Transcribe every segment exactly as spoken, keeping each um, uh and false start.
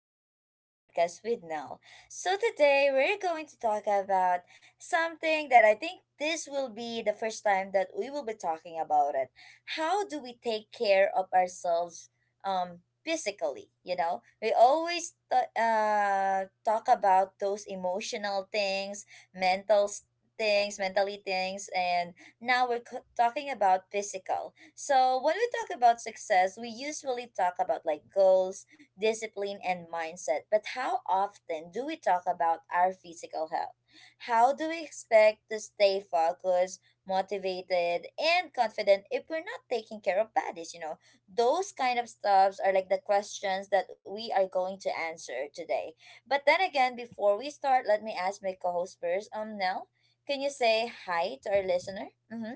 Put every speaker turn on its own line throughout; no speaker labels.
back to another podcast with Nell. So today we're going to talk about something that I think this will be the first time that we will be talking about it. How do we take care of ourselves um physically, you know? We always th- uh talk about those emotional things, mental s- things, mentally things and now we're c- talking about physical. So when we talk about success, we usually talk about like goals, discipline, and mindset. But how often do we talk about our physical health? How do we expect to stay focused, motivated, and confident if we're not taking care of bodies? You know, those kind of stuffs are like the questions that we are going to answer today. But then again, before we start, let me ask my co-host first. Um, Nell, can you say hi to our listener? Mm-hmm.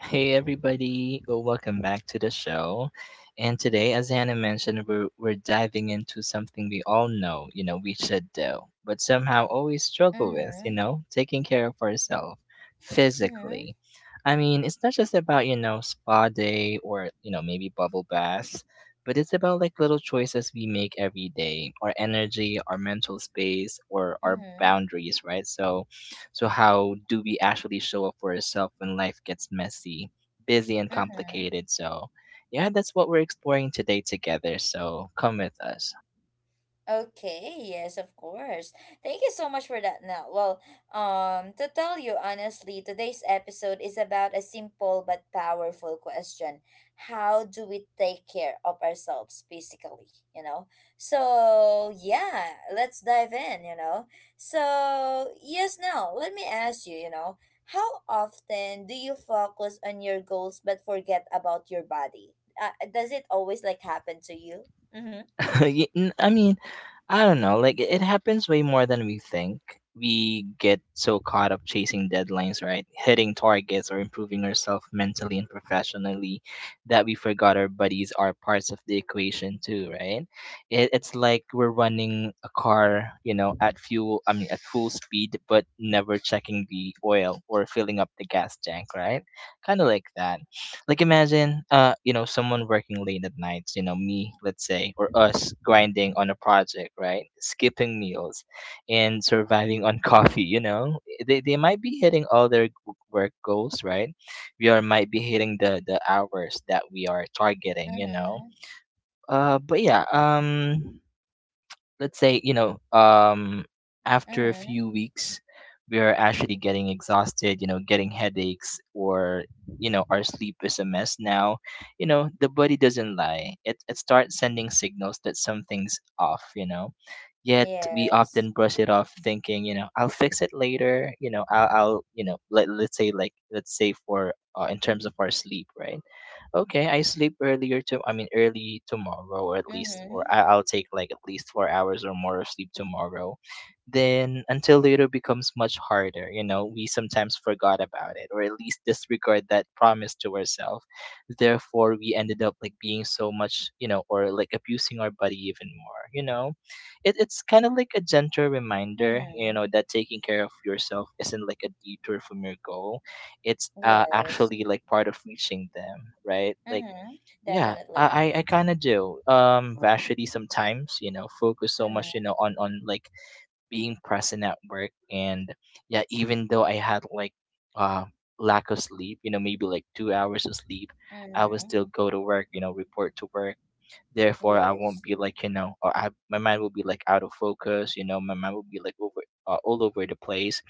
Hey everybody, uh, welcome back to the show. And today, as Hannah mentioned, we're, we're diving into something we all know, you know, we should do, but somehow always struggle with, you
Mm-hmm.
know, taking care of ourselves
Mm-hmm.
physically. I mean, it's not just about, you know, spa day or, you know, maybe bubble baths, but it's about like little choices we make every day, our energy, our mental space, or our
Mm-hmm.
boundaries, right? So, so, how do we actually show up for ourselves when life gets messy, busy, and
Mm-hmm.
complicated? So, yeah, that's what we're exploring today together. So, come with us.
Okay, yes, of course. Thank you so much for that, Now, Well, um, to tell you honestly, today's episode is about a simple but powerful question. How do we take care of ourselves physically, you know? So, yeah, let's dive in, you know? So, yes, now, let me ask you, you know, how often do you focus on your goals but forget about your body? Uh, does it always like happen to you? Mm-hmm.
Y- n- I mean, I don't know, like it happens way more than we think. We get so caught up chasing deadlines, right? Hitting targets or improving ourselves mentally and professionally that we forgot our buddies are parts of the equation too, right? It, it's like we're running a car, you know, at fuel, I mean, at full speed, but never checking the oil or filling up the gas tank, right? Kind of like that, like imagine uh you know, someone working late at nights, you know, me, let's say, or us grinding on a project, right? Skipping meals and surviving on coffee, you know, they, they might be hitting all their g- work goals, right? We are might be hitting the the hours that we are targeting, you know.
Mm-hmm.
Uh but yeah um let's say, you know, um after a
Mm-hmm.
few weeks we are actually getting exhausted, you know, getting headaches or, you know, our sleep is a mess now. You know, the body doesn't lie. It, it starts sending signals that something's off, you know, yet we often
Yes.
brush it off thinking, you know, I'll fix it later, you know. I'll, I'll you know, let, let's say like let's say for uh, in terms of our sleep, right? Okay, I sleep earlier to, I mean, early tomorrow, or at least, or
Mm-hmm.
I, I'll take like at least four hours or more of sleep tomorrow. Then until later becomes much harder, you know. We sometimes forgot about it or at least disregard that promise to ourselves. Therefore we ended up like being so much, you know, or like abusing our body even more, you know. It it's kinda like a gentle reminder, you
Mm-hmm.
know, that taking care of yourself isn't like a detour from your goal. It's uh,
Yes.
actually like part of reaching them, right? Like,
Mm-hmm.
yeah,
Definitely.
i i I kind of do, um actually, sometimes, you know, focus so much,
Mm-hmm.
you know, on on like being present at work, and yeah, even though I had like uh lack of sleep, you know, maybe like two hours of sleep, I would
Mm-hmm.
still go to work, you know, report to work. Therefore, I won't
Yes.
be like, you know, or I my mind will be like out of focus. You know, my mind will be like over uh, all over the place,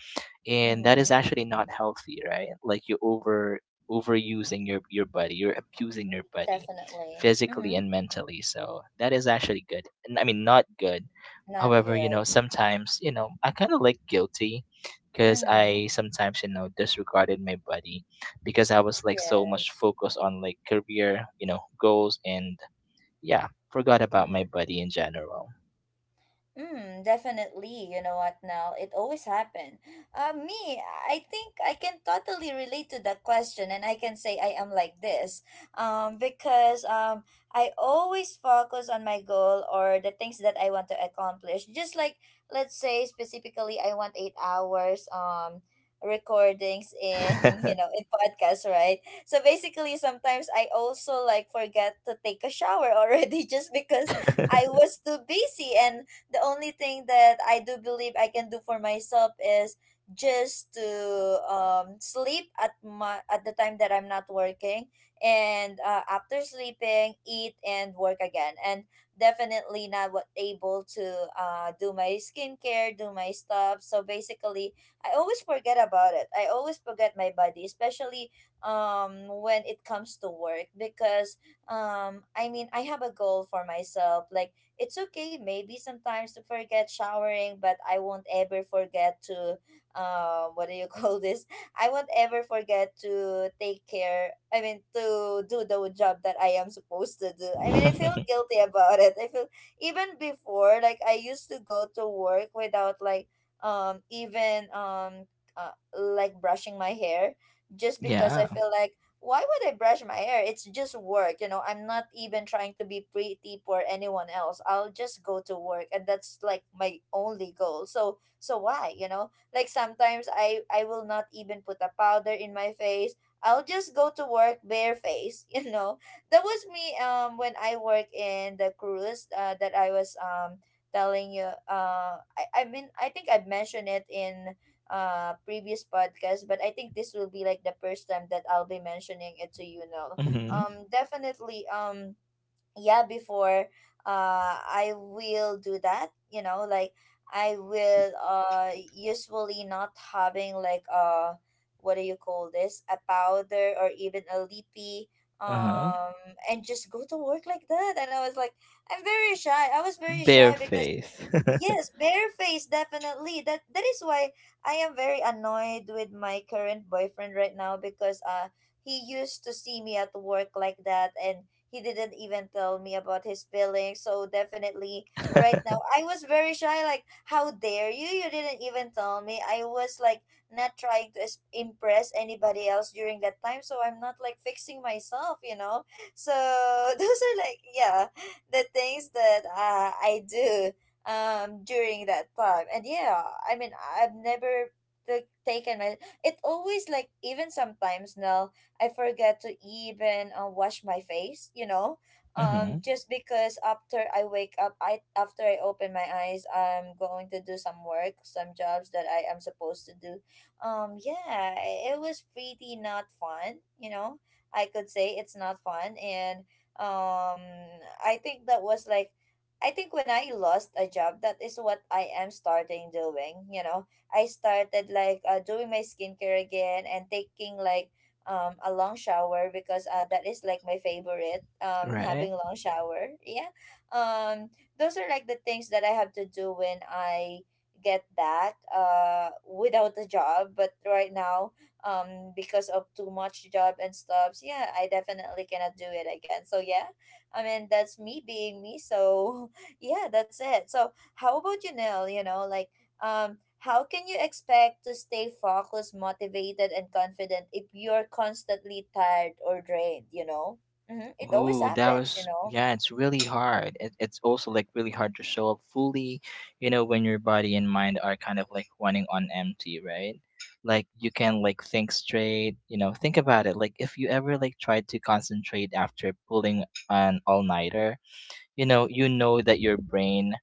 and that is
Mm-hmm.
actually not healthy, right? Like, you over overusing your your body, you're abusing your body,
Definitely.
physically
Mm-hmm.
and mentally. So that is actually good. N- I mean, not good.
Not
However, you
good.
know, sometimes, you know, I kind of like guilty because
Mm-hmm.
I sometimes, you know, disregarded my body because I was like so much
Yes.
focused on like career, you know, goals, and yeah, forgot about my
Mm-hmm.
body in general.
Mm, definitely. You know what now? It always happen. Uh, me, I think I can totally relate to that question, and I can say I am like this. Um, because um, I always focus on my goal or the things that I want to accomplish. Just like let's say specifically, I want eight hours. Um recordings in you know in podcasts, right? So basically sometimes I also like forget to take a shower already just because I was too busy, and the only thing that I do believe I can do for myself is just to um sleep at my at the time that I'm not working, and uh, after sleeping eat and work again, and definitely not what able to uh do my skincare do my stuff. So basically I always forget about it, I always forget my body, especially um when it comes to work because um I mean I have a goal for myself, like it's okay maybe sometimes to forget showering, but I won't ever forget to uh, what do you call this? I won't ever forget to take care. I mean, to do the job that I am supposed to do. I mean, I feel guilty about it. I feel even before, like I used to go to work without like um even um uh, like brushing my hair just because I
Yeah.
feel like why would I brush my hair? It's just work, you know. I'm not even trying to be pretty for anyone else. I'll just go to work and that's like my only goal. So so why, you know? Like sometimes I I will not even put a powder in my face. I'll just go to work bare face, you know. That was me um when I work in the cruise uh, that I was um telling you. uh I, I mean I think I've mentioned it in uh previous podcast, but I think this will be like the first time that I'll be mentioning it to you now.
Hmm.
Um definitely um Yeah before uh I will do that you know, like I will uh usually not having like uh what do you call this, a powder or even a lippy,
Uh-huh.
um and just go to work like that, and I was like I'm very shy, I was very
Bare
shy because.
face.
Yes, barefaced, definitely. That that is why I am very annoyed with my current boyfriend right now because uh he used to see me at work like that and he didn't even tell me about his feelings. So definitely right now I was very shy, like, how dare you? You didn't even tell me. I was like not trying to is- impress anybody else during that time, so I'm not like fixing myself, you know? So those are like yeah, the things that uh, I do um during that time, and yeah I mean I've never like taken my, it always like even sometimes now I forget to even uh, wash my face, you know. um
Hmm.
just because after I wake up I after I open my eyes, I'm going to do some work, some jobs that I am supposed to do. um yeah it was pretty not fun, you know, I could say it's not fun. And um I think that was like, I think when I lost a job, that is what I am starting doing. You know, I started like uh, doing my skincare again and taking like um a long shower because uh, that is like my favorite. Um,
Right.
having long shower, yeah. Um, those are like the things that I have to do when I get back uh without a job. But right now, um, because of too much job and stuffs, yeah, I definitely cannot do it again. So yeah, I mean that's me being me. So yeah, that's it. So, how about you, Nell? You know, like, um, how can you expect to stay focused, motivated, and confident if you're constantly tired or drained? You know, mm-hmm, it always
Ooh, that
happens. You
was,
know.
yeah, it's really hard. It, it's also like really hard to show up fully, you know, when your body and mind are kind of like running on empty, right? Like, you can like think straight, you know. Think about it. Like, if you ever like tried to concentrate after pulling an all nighter, you know, you know that your brain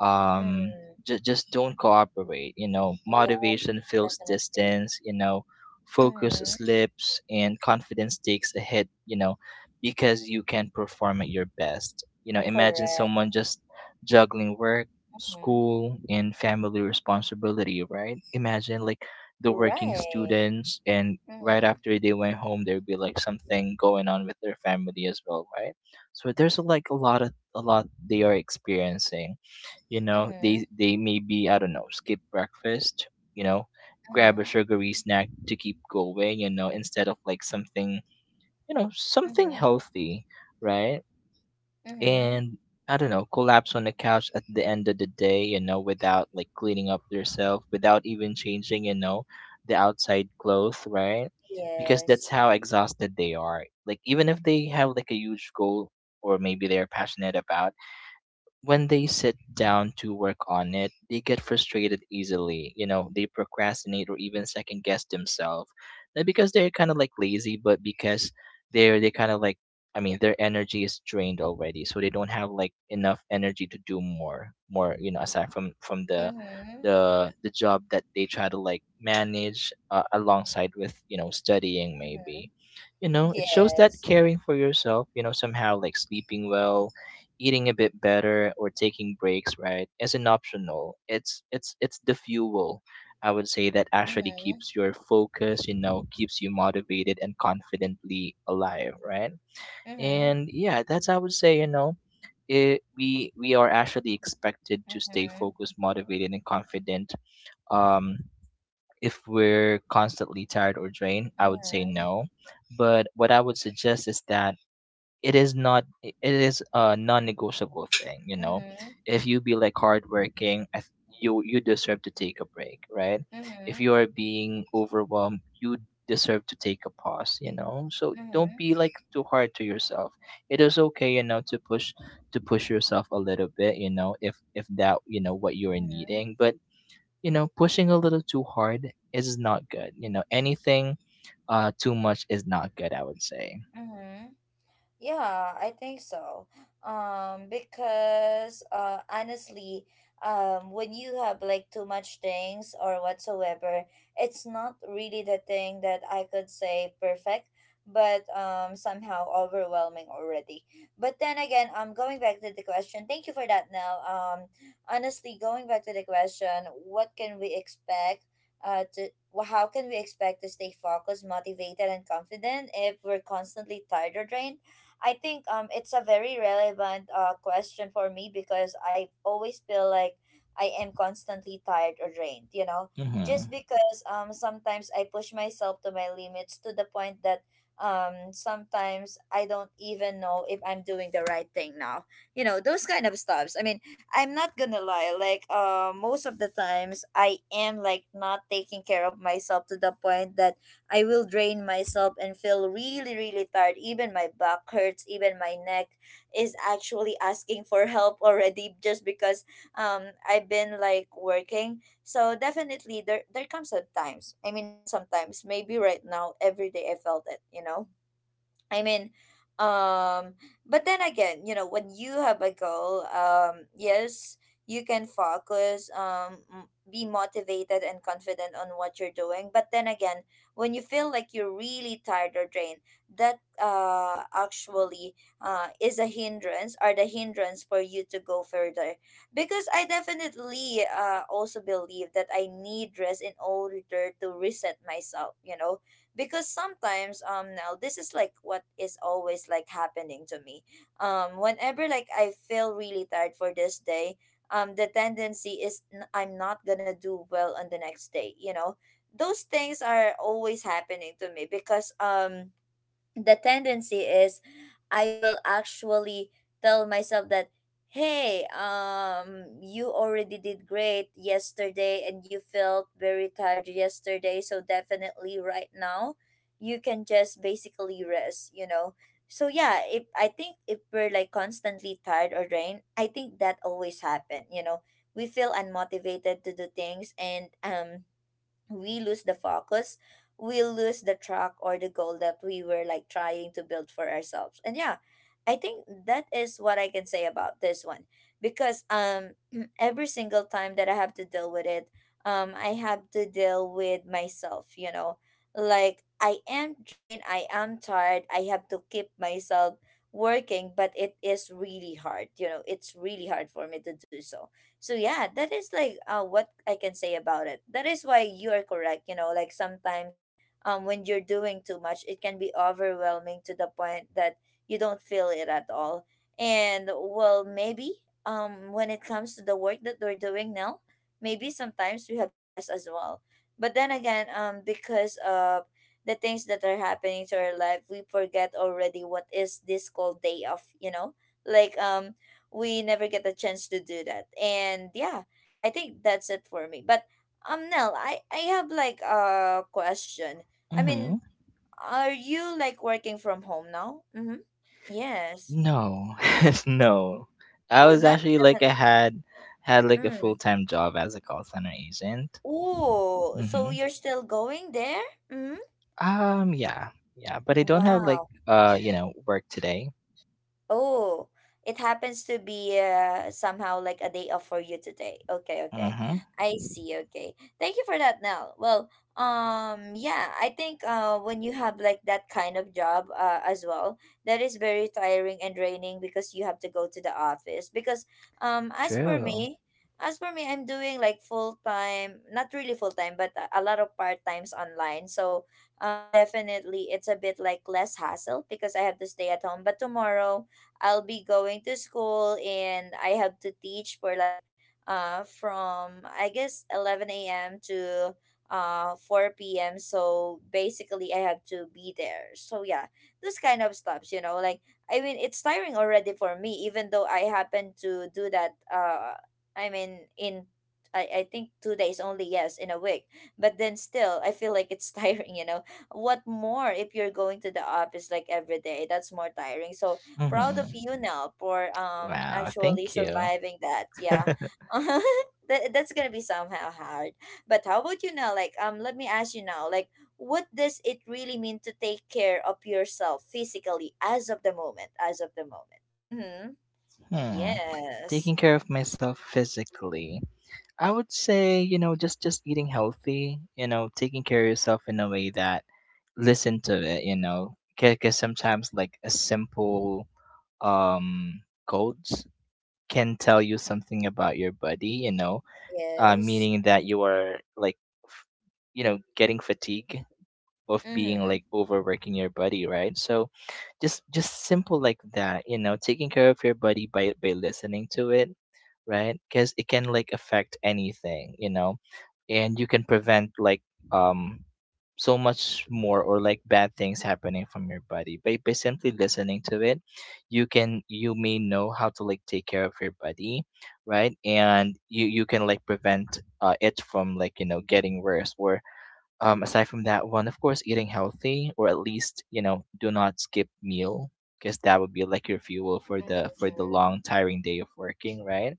um
Mm.
just just don't cooperate, you know.
Yes,
Motivation feels
definitely.
distance, you know, focus
Mm-hmm.
slips and confidence takes a hit, you know, because you can perform at your best, you know. Imagine
Correct.
someone just juggling work,
Mm-hmm.
school, and family responsibility, right? Imagine like the working
Right.
students, and right
Mm-hmm.
after they went home there'd be like something going on with their family as well, right? So there's like a lot of, a lot they are experiencing, you know.
Mm-hmm.
They they maybe, I don't know, skip breakfast, you know, grab a
Mm-hmm.
sugary snack to keep going, you know, instead of like something, you know, something
Mm-hmm.
healthy, right?
Mm-hmm.
And I don't know, collapse on the couch at the end of the day, you know, without like cleaning up yourself, without even changing, you know, the outside clothes, right? Because that's
Yes.
how exhausted they are, like even if they have like a huge goal or maybe they're passionate about. When they sit down to work on it, they get frustrated easily. You know, they procrastinate or even second guess themselves. Not because they're kind of like lazy, but because they're they kind of like, I mean, their energy is drained already, so they don't have like enough energy to do more. More, you know, aside from from the
Mm-hmm.
the the job that they try to like manage uh, alongside with, you know, studying maybe.
Mm-hmm.
You know, it shows that
Yes.
caring for yourself, you know, somehow like sleeping well, eating a bit better, or taking breaks, right, isn't optional. It's it's it's the fuel, I would say, that actually
Mm-hmm.
keeps your focus, you know, keeps you motivated and confidently alive, right?
Mm-hmm.
And yeah, that's, I would say, you know, it, we we are actually expected to stay
Mm-hmm.
focused, motivated, and confident. Um, if we're constantly tired or drained, I would say
Mm-hmm.
no. But what I would suggest is that it is not it is a non-negotiable thing, you know.
Mhm,
If you be like hardworking, I th- you, you deserve to take a break, right? If
mhm,
you are being overwhelmed, you deserve to take a pause, you know. So don't
mhm,
be like too hard to yourself. It is okay, you know, to push, to push yourself a little bit, you know, if if that you know what you're
mhm,
needing. But, you know, pushing a little too hard is not good, you know, anything uh too much is not good, I would say.
mhm, yeah, I think so. Um, because uh, honestly, um, when you have like too much things or whatsoever, it's not really the thing that I could say perfect, but um, somehow overwhelming already. But then again, I'm um, going back to the question. Thank you for that, Nell. Um, honestly, going back to the question, what can we expect? Uh, to wh- how can we expect to stay focused, motivated, and confident if we're constantly tired or drained? I think um it's a very relevant uh question for me because I always feel like I am constantly tired or drained, you know, just
Mm-hmm.
because um sometimes I push myself to my limits to the point that um sometimes I don't even know if I'm doing the right thing now. You know, those kind of stuffs. I mean, I'm not gonna lie, like uh most of the times I am like not taking care of myself to the point that I will drain myself and feel really, really tired. Even my back hurts, even my neck is actually asking for help already just because um I've been like working. So definitely there there comes sometimes. I mean not sometimes, maybe right now, every day I felt it, you know? I mean, um, but then again, you know, when you have a goal, um, yes, you can focus, um, m- be motivated and confident on what you're doing. But then again, when you feel like you're really tired or drained, that uh actually uh is a hindrance or the hindrance for you to go further. Because I definitely uh also believe that I need rest in order to reset myself, you know, because sometimes um now this is like what is always like happening to me um whenever like I feel really tired for this day. Um the tendency is n- I'm not gonna do well on the next day, you know, those things are always happening to me because um the tendency is I will actually tell myself that hey, um you already did great yesterday and you felt very tired yesterday, so definitely right now you can just basically rest, you know. So yeah, if I think if we're like constantly tired or drained, I think that always happen, you know, we feel unmotivated to do things, and um we lose the focus, we lose the track or the goal that we were like trying to build for ourselves. And yeah, I think that is what I can say about this one because um every single time that I have to deal with it, um I have to deal with myself, you know, like I am drained, I am tired, I have to keep myself working, but it is really hard, you know, it's really hard for me to do so. So yeah, that is like uh, what I can say about it. That is why you are correct. You know, like sometimes um when you're doing too much, it can be overwhelming to the point that you don't feel it at all. And well, maybe um when it comes to the work that we're doing now, maybe sometimes we have to rest as well. But then again, um because of the things that are happening to our life, we forget already what is this called day off. You know, like um we never get a chance to do that. And yeah, I think that's it for me. But um Nell, I I have like a question. I mean,
Mm-hmm.
are you like working from home now? Mhm. Yes.
No, no. I
Oh,
was
not
actually like I
definitely.
had had like a full
Mm.
time job as a call center agent.
Oh, so
Mm-hmm.
you're still going there? Mhm.
Um, yeah, yeah, but I don't have like
Wow.
uh, you know, work today.
Oh, it happens to be uh, somehow like a day off for you today. Okay, okay.
Mm-hmm.
I see. Okay. Thank you for that, Nell. Well, um, yeah, I think uh, when you have like that kind of job uh, as well, that is very tiring and draining because you have to go to the office. Because um, as per
True.
me, as for me, I'm doing like full time, not really full time, but a a lot of part times online. So um, definitely it's a bit like less hassle because I have to stay at home. But tomorrow I'll be going to school and I have to teach for like uh from I guess eleven a m to uh four p m. So basically I have to be there. So yeah, this kind of stuffs, you know, like I mean it's tiring already for me even though I happen to do that uh I mean in I, I think two days only, yes, in a week. But then still I feel like it's tiring, you know what more if you're going to the office like every day, that's more tiring. So proud of
Mm-hmm.
you now for um
Wow,
actually
thank you.
surviving that. Yeah. that that's gonna be somehow hard. But how about you now? Like um let me ask you now, like what does it really mean to take care of yourself physically as of the moment? As of the moment. Mm-hmm.
Hmm.
Yes.
Taking care of myself physically. I would say, you know, just just eating healthy, you know, taking care of yourself in a way that listen to it, you know, because sometimes like a simple um, codes can tell you something about your body, you know, uh,
Yes.
meaning that you are like, f- you know, getting fatigue of being
Mm-hmm.
like overworking your body, right? So just just simple like that, you know. Taking care of your body by by listening to it, right? Because it can like affect anything, you know, and you can prevent like um so much more or like bad things happening from your body by, by simply listening to it. You can, you may know how to like take care of your body, right? And you you can like prevent uh, it from like, you know, getting worse. Or, um, aside from that one, of course, eating healthy, or at least, you know, do not skip meal because that would be like your fuel for the for the
Mm-hmm.
long tiring day of working, right?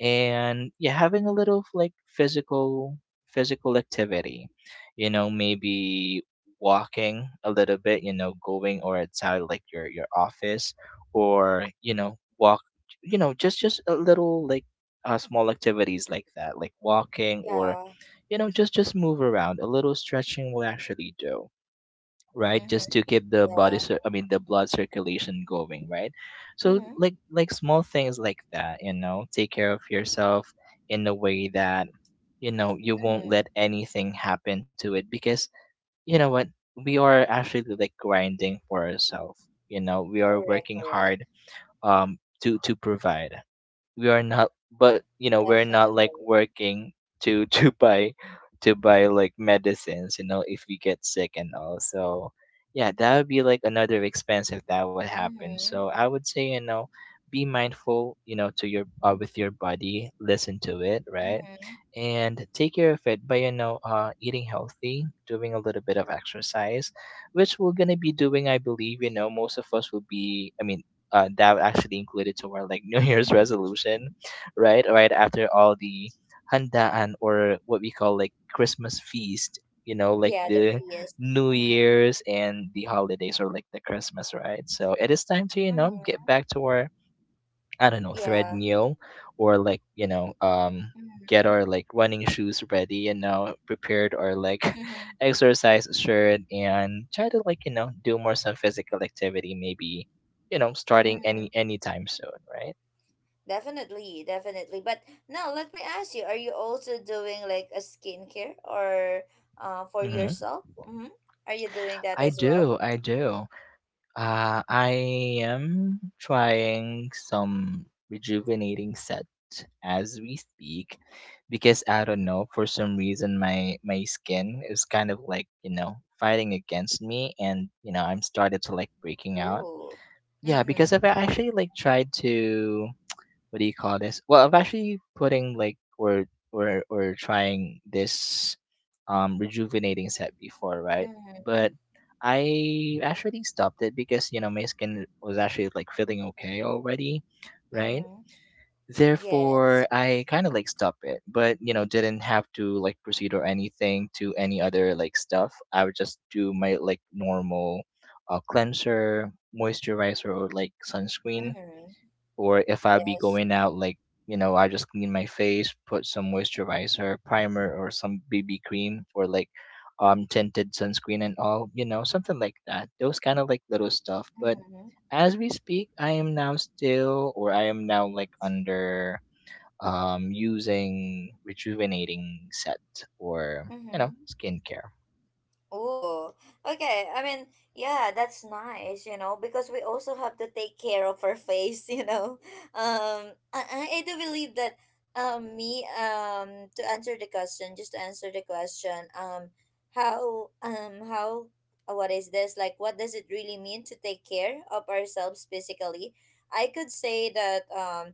And yeah, having a little of, like physical, physical activity, you know, maybe walking a little bit, you know, going or outside like your your office, or you know, walk, you know, just just a little like uh, small activities like that, like walking or,
Yeah.
you know, just just move around a little, stretching will actually do, right?
Mm-hmm.
Just to keep the body
Yeah.
cir- I mean the blood circulation going, right? So
Mm-hmm.
like like small things like that, you know, take care of yourself in a way that, you know, you won't
Mm-hmm.
let anything happen to it because, you know what, we are actually like grinding for ourselves, you know, we are
Correct,
working
correct.
hard um to to provide. We are not, but you know, we're not like
Definitely.
working to to buy, to buy like medicines, you know, if we get sick and all. So yeah, that would be like another expense if that would happen.
Mm-hmm.
So I would say, you know, be mindful, you know, to your, uh, with your body, listen to it, right?
Mm-hmm.
And take care of it by, you know, uh, eating healthy, doing a little bit of exercise, which we're going to be doing, I believe, you know. Most of us will be, I mean, uh, that was actually included to our like New Year's
Mm-hmm.
resolution, right? Right after all the handaan, or what we call like Christmas feast, you know, like
Yeah, the
the
feast.
New
Mm-hmm.
Year's and the holidays, or like the Christmas, right? So it is time to you know get back
Mm-hmm.
to our, I don't know,
Yeah.
treadmill or like, you know, um get
Mm-hmm.
our like running shoes ready, you know, prepared our like exercise shirt and try to like, you know, do more some physical activity maybe, you know, starting
Mm-hmm.
any anytime soon, right?
Definitely, definitely. But now let me ask you, are you also doing like a skincare or uh for
hmm
yourself? Mm-hmm. Are you doing that
I
as well?
do, I do. Uh, I am trying some rejuvenating set as we speak, because I don't know, for some reason my my skin is kind of like you know fighting against me, and you know I'm started to like breaking out.
Ooh.
Yeah, because
Mm-hmm.
I've actually like tried to, what do you call this? Well, I'm actually putting like, or or or trying this um rejuvenating set before, right? But
Mm-hmm.
I actually stopped it because you know my skin was actually like feeling okay already, right?
Mm-hmm.
Therefore,
Yes.
I kind of like stopped it, but you know didn't have to like proceed or anything to any other like stuff. I would just do my like normal, uh, cleanser, moisturizer, or like sunscreen,
Mm-hmm.
or if I be
Yes.
going out like, you know I just clean my face, put some moisturizer, primer, or some bb cream, or like um tinted sunscreen and all, you know something like that, those kind of like little stuff. But
Mm-hmm.
as we speak, I am now still, or I am now like under um using rejuvenating set or you know
Mm-hmm.
skincare.
Oh, okay. I mean, yeah, that's nice, you know, because we also have to take care of our face, you know. Um, I, I I do believe that, um, me, um, to answer the question, just to answer the question, um, how, um, how, uh, what is this? Like, what does it really mean to take care of ourselves physically? I could say that, um,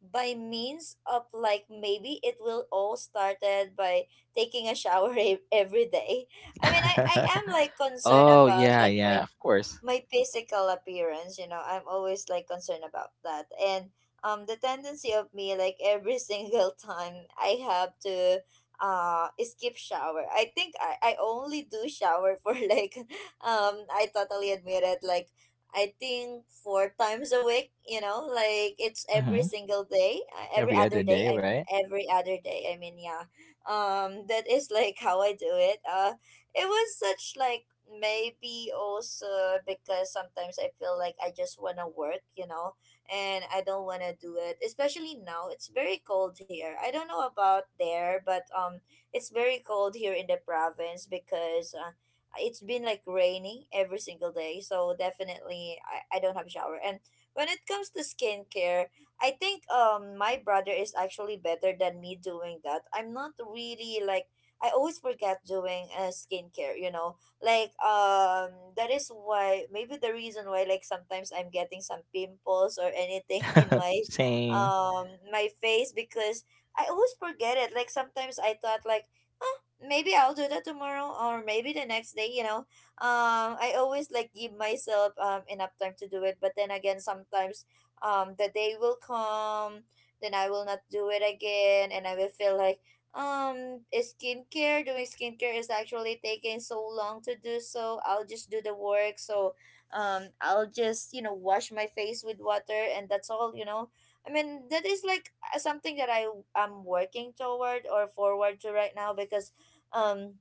by means of like maybe it will all started by taking a shower every day. I mean, I, I am like concerned
Oh,
about
yeah,
like
yeah,
my
of course.
my physical appearance, you know. I'm always like concerned about that. And um the tendency of me like every single time I have to uh skip shower. I think I, I only do shower for like um I totally admit it, like I think four times a week, you know, like it's every
hmm
single day, uh, every
every other
other day.
day,
I mean,
right.
every other day. I mean, yeah, um that is like how I do it. Uh, it was such like maybe also because sometimes I feel like I just want to work, you know, and I don't want to do it, especially now. It's very cold here. I don't know about there, but um it's very cold here in the province because uh, it's been like raining every single day. So definitely I, I don't have shower. And when it comes to skincare, I think um my brother is actually better than me doing that. I'm not really like I always forget doing uh, skincare, you know. Like um that is why maybe the reason why like sometimes I'm getting some pimples or anything in my
Same.
um my face because I always forget it. Like sometimes I thought like "Huh, maybe I'll do that tomorrow or maybe the next day, you know. Um I always like give myself um enough time to do it, but then again sometimes um the day will come then I will not do it again and I will feel like um skincare, doing skincare is actually taking so long to do, so I'll just do the work. So um I'll just, you know, wash my face with water and that's all, you know. I mean that is like uh, something that i I'm working toward or forward to right now because um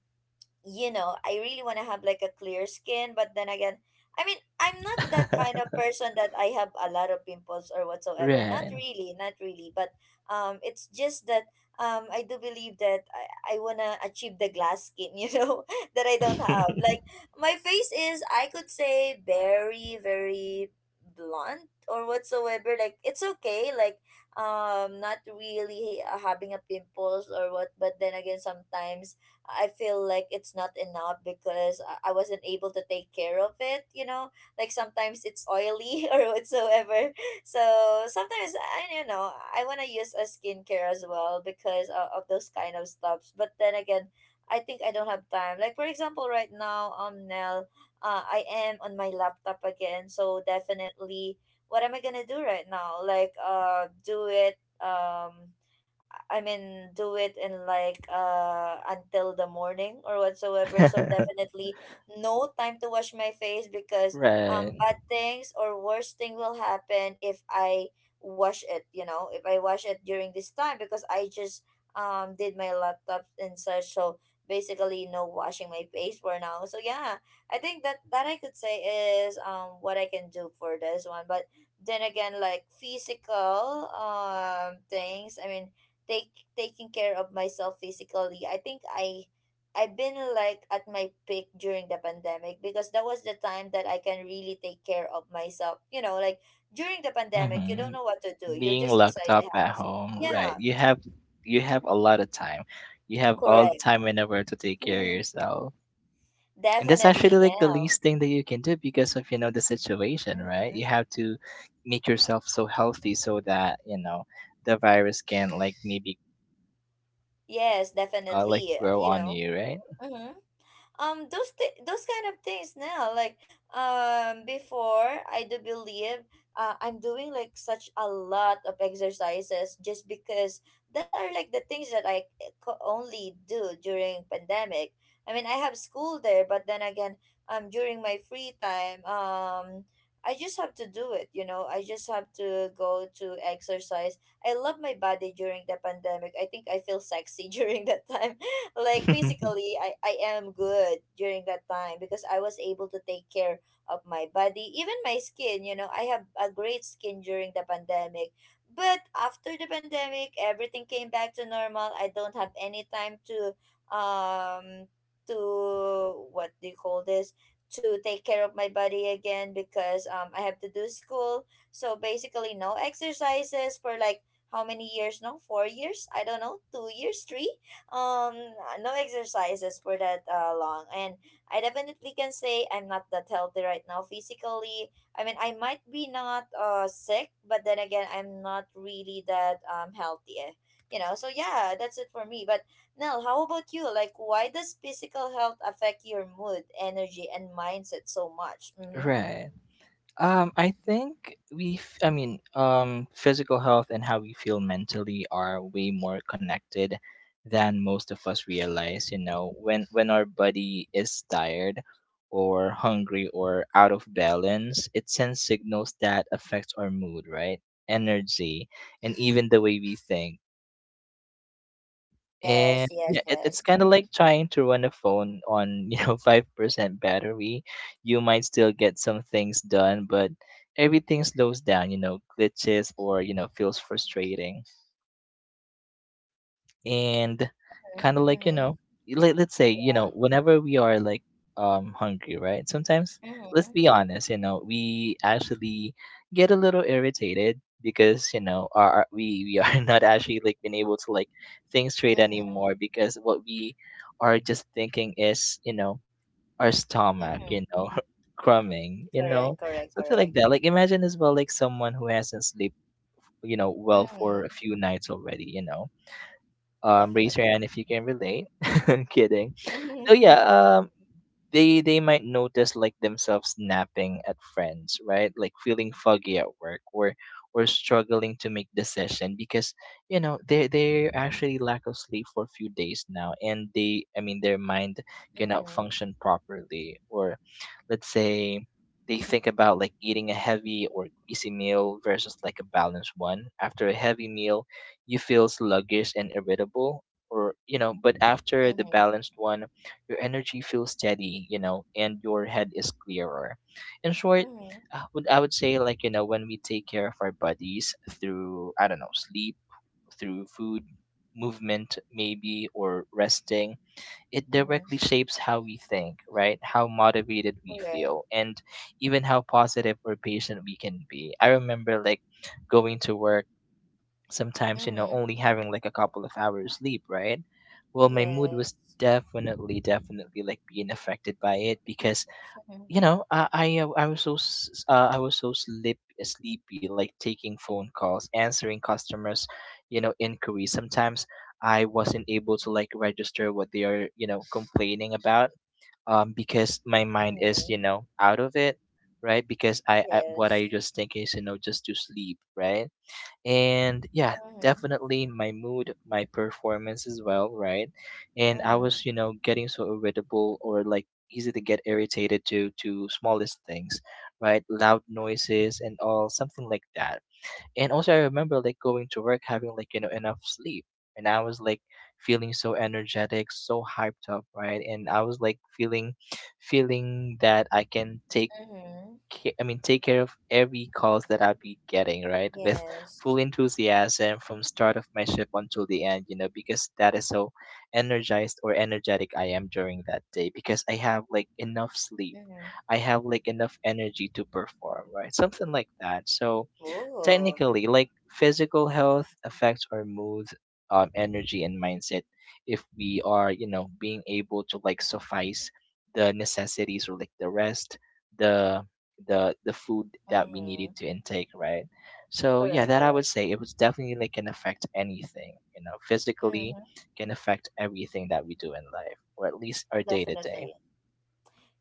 you know, I really want to have like a clear skin, but then again, I mean, I'm not that kind of person that I have a lot of pimples or whatsoever. Not
Right.
really, not really, but um it's just that um I do believe that I, I want to achieve the glass skin, you know, that I don't have. Like my face is I could say very very blunt or whatsoever. Like it's okay, like um not really uh, having a pimples or what, but then again sometimes I feel like it's not enough because I I wasn't able to take care of it, you know? Like sometimes it's oily or whatsoever. So sometimes I, you know, I want to use a skincare as well because of, of those kind of stuffs. But then again, I think I don't have time. Like for example, right now, um Nell, uh, I am on my laptop again, so definitely what am I gonna do right now? Like, uh, do it. Um, I mean, do it in like uh until the morning or whatsoever. So definitely no time to wash my face because um
Right.
bad things or worse thing will happen if I wash it, you know, if I wash it during this time because I just um did my laptop and such. So basically no washing my face for now. So yeah, I think that that I could say is um what I can do for this one. But then again, like physical um things, I mean take taking care of myself physically. I think I I've been like at my peak during the pandemic because that was the time that I can really take care of myself. You know, like during the pandemic, you don't
hmm
know what to do. You're
Being
just
locked
inside
up
the
at
house.
home, right.
Yeah,
You have you have a lot of time. You have all the
correct.
time whenever to take care of yourself. And that's
Definitely
actually like the
now.
least thing that you can do because of, you know, the situation, right?
Hmm.
You have to make yourself so healthy so that, you know, the virus can like maybe
Yes,
uh, like
definitely.
grow
You
on
know.
you, right?
Hmm. Um those th- those kind of things now, like um before I do believe uh, I'm doing like such a lot of exercises just because that are like the things that i co- only do during pandemic. I mean I have school there but then again, um during my free time, um I just have to do it, you know, I just have to go to exercise. I love my body during the pandemic. I think I feel sexy during that time. Like physically, I, I am good during that time because I was able to take care of my body, even my skin, you know, I have a great skin during the pandemic. But after the pandemic, everything came back to normal. I don't have any time to um to what do you call this? To take care of my body again because um I have to do school. So basically no exercises for like how many years? No, four years? I don't know, two years, three? um no exercises for that uh, long. And I definitely can say I'm not that healthy right now physically. I mean I might be not uh sick but then again I'm not really that um healthy, eh, you know. So yeah, that's it for me. But Nell, how about you, like why does physical health affect your mood, energy and mindset so much? Mm-hmm.
Right. Um, I think we, f- I mean, um, physical health and how we feel mentally are way more connected than most of us realize. You know, when when our body is tired, or hungry, or out of balance, it sends signals that affects our mood, right? Energy, and even the way we think. And
Yes, yes,
yeah, it, it's
yes.
kind of
Mm-hmm.
like trying to run a phone on, you know, five percent battery. You might still get some things done, but everything slows down, you know, glitches or, you know, feels frustrating, and kind of like you
Mm-hmm.
know let, let's say you know whenever we are like um hungry, right, sometimes let's
Mm-hmm.
be honest, you know we actually get a little irritated because you know our, our we we are not actually like being able to like think straight
Mm-hmm.
anymore, because what we are just thinking is, you know our stomach,
Mm-hmm.
you know crumbing, you
Correct,
know
correct,
something
correct.
like that. Like imagine as well like someone who hasn't slept, you know well,
Mm-hmm.
for a few nights already, you know um, raise your
Definitely.
hand if you can relate. I'm kidding. So
Mhm,
yeah, um, they they might notice like themselves napping at friends, right? Like feeling foggy at work, or or struggling to make decision, because you know they they actually lack of sleep for a few days now, and they I mean their mind cannot
mhm,
function properly. Or let's say they think about like eating a heavy or easy meal versus like a balanced one. After a heavy meal, you feel sluggish and irritable, or you know, but after the
mhm,
balanced one, your energy feels steady, you know, and your head is clearer. In short,
mhm,
I would I would say like you know when we take care of our bodies through, I don't know, sleep, through food, movement maybe, or resting, it
mhm.
directly shapes how we think, right? How motivated
Oh,
we
yes.
feel, and even how positive or patient we can be. I remember like going to work sometimes, you know
Mhm,
only having like a couple of hours sleep, right? Well, my mood was
yes.
definitely, definitely like being affected by it, because
Mhm,
you know i i, uh, I was so s- uh, I was so sleep sleepy, like taking phone calls, answering customers, you know inquiries. Sometimes I wasn't able to like register what they are, you know complaining about, um because my mind is,
mhm,
you know out of it, right? Because I, I what
yes.
I just think is, you know just to sleep, right. And yeah,
Mhm,
definitely my mood, my performance as well, right. And I
mhm,
was, you know getting so irritable, or like easy to get irritated to to smallest things, right, loud noises and all, something like that. And also I remember like going to work having like you know enough sleep, and I was like feeling so energetic, so hyped up, right. And I was like feeling feeling that I can take
mhm,
ca- I mean, take care of every calls that I'll be getting, right, with full
yes.
enthusiasm from start of my shift until the end, you know, because that is how energized or energetic I am during that day, because I have like enough sleep.
Mhm.
I have like enough energy to perform, right? Something like that. So
Ooh.
technically, like physical health affects our mood, um, energy, and mindset, if we are you know being able to like suffice the necessities, or like the rest, the the the food that we needed
Mhm.
to intake, right? So yeah,
Correct,
that I would
correct.
say, it was definitely like can affect anything, you know physically
Mhm.
can affect everything that we do in life, or at least our day to day.
Definitely.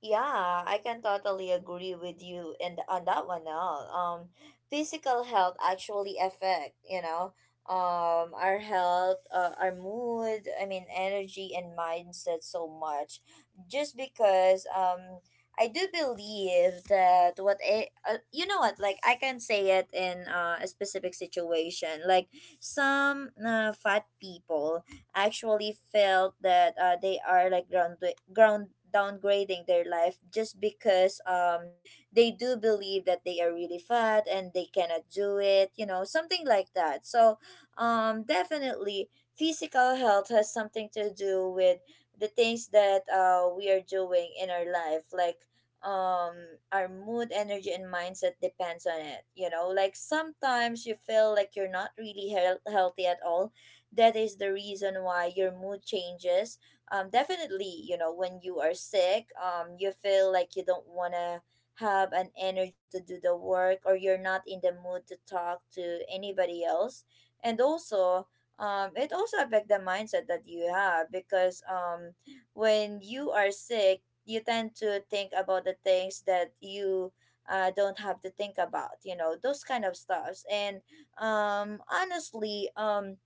Yeah, I can totally agree with you and on that one now. Um, physical health actually affect, you know, um, our health, uh, our mood, I mean, energy and mindset so much. Just because um, I do believe that what a, uh, you know what, like I can say it in uh, a specific situation. Like some uh, fat people actually felt that uh, they are like ground ground downgrading their life just because um they do believe that they are really fat and they cannot do it, you know, something like that so um Definitely physical health has something to do with the things that uh we are doing in our life, like um our mood, energy and mindset depends on it. You know, like sometimes you feel like you're not really heal- healthy at all. That is the reason why your mood changes. Um definitely, you know, when you are sick, um you feel like you don't want to have an energy to do the work, or you're not in the mood to talk to anybody else. And also, um it also affect the mindset that you have, because um when you are sick you tend to think about the things that you uh, don't have to think about, you know, those kind of stuffs. And um honestly, um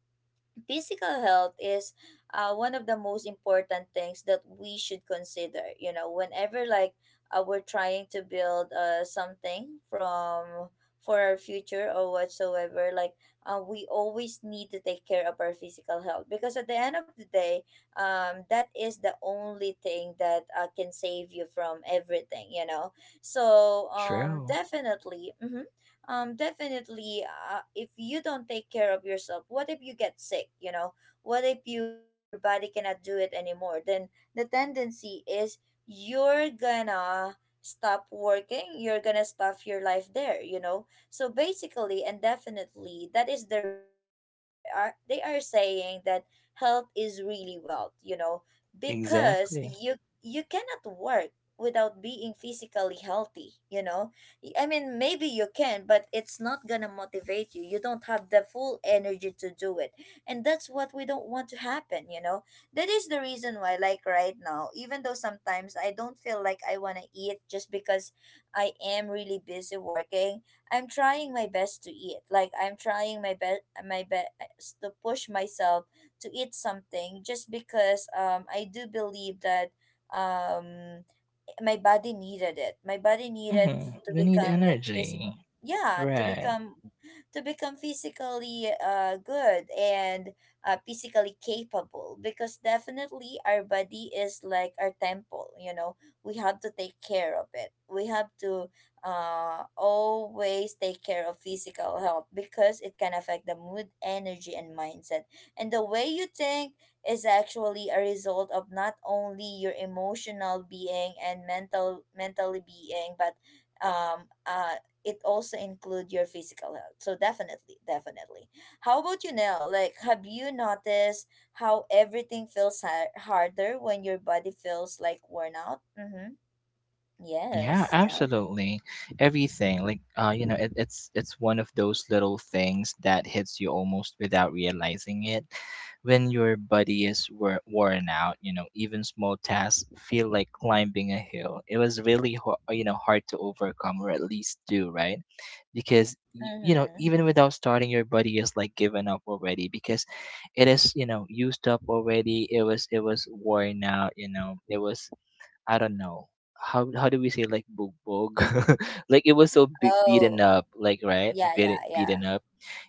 physical health is uh, one of the most important things that we should consider, you know, whenever, like, uh, we're trying to build uh, something from for our future or whatsoever. Like, uh, we always need to take care of our physical health because at the end of the day, um, that is the only thing that uh, can save you from everything, you know. So um,
True.
definitely. Mhm. Um definitely, uh, if you don't take care of yourself, what if you get sick, you know? What if you your body cannot do it anymore? Then the tendency is you're gonna stop working, you're gonna stuff your life there, you know. So basically, and definitely, that is the reason why there are they are saying that health is really wealth, you know. Because
Exactly.
you you cannot work without being physically healthy, you know. y- I mean, maybe you can, but it's not gonna motivate you. You don't have the full energy to do it. And that's what we don't want to happen, you know? That is the reason why, like right now, even though sometimes I don't feel like I wanna eat, just because I am really busy working, I'm trying my best to eat. Like, I'm trying my best my best to push myself to eat something, just because um I do believe that um my body needed it. My body needed
Hmm
to
we need
become like
energy,
physical. Yeah, to
right?
become to become physically uh good and uh physically capable, because definitely our body is like our temple, you know. We have to take care of it. We have to uh always take care of physical health because it can affect the mood, energy and mindset. And the way you think is actually a result of not only your emotional being and mental mentally being, but um uh it also include your physical health. So definitely, definitely, how about you, Nell, like, have you noticed how everything feels har- harder when your body feels like worn out? Mm-hmm.
Yeah,
Yes, Nell.
absolutely. Everything like uh, you know, it, it's it's one of those little things that hits you almost without realizing it. When your body is wor- worn out, you know, even small tasks feel like climbing a hill. It was really ho- uh, you know hard to overcome, or at least do, right? Because y- you know
Mm-hmm.
even without starting, your body is like given up already, because it is you know used up already. It was it was worn out. You know, it was, I don't know, how how do we say, like bugbog, like it was so be- beaten
Oh,
up, like, right,
yeah,
beat
yeah, yeah.
beaten up.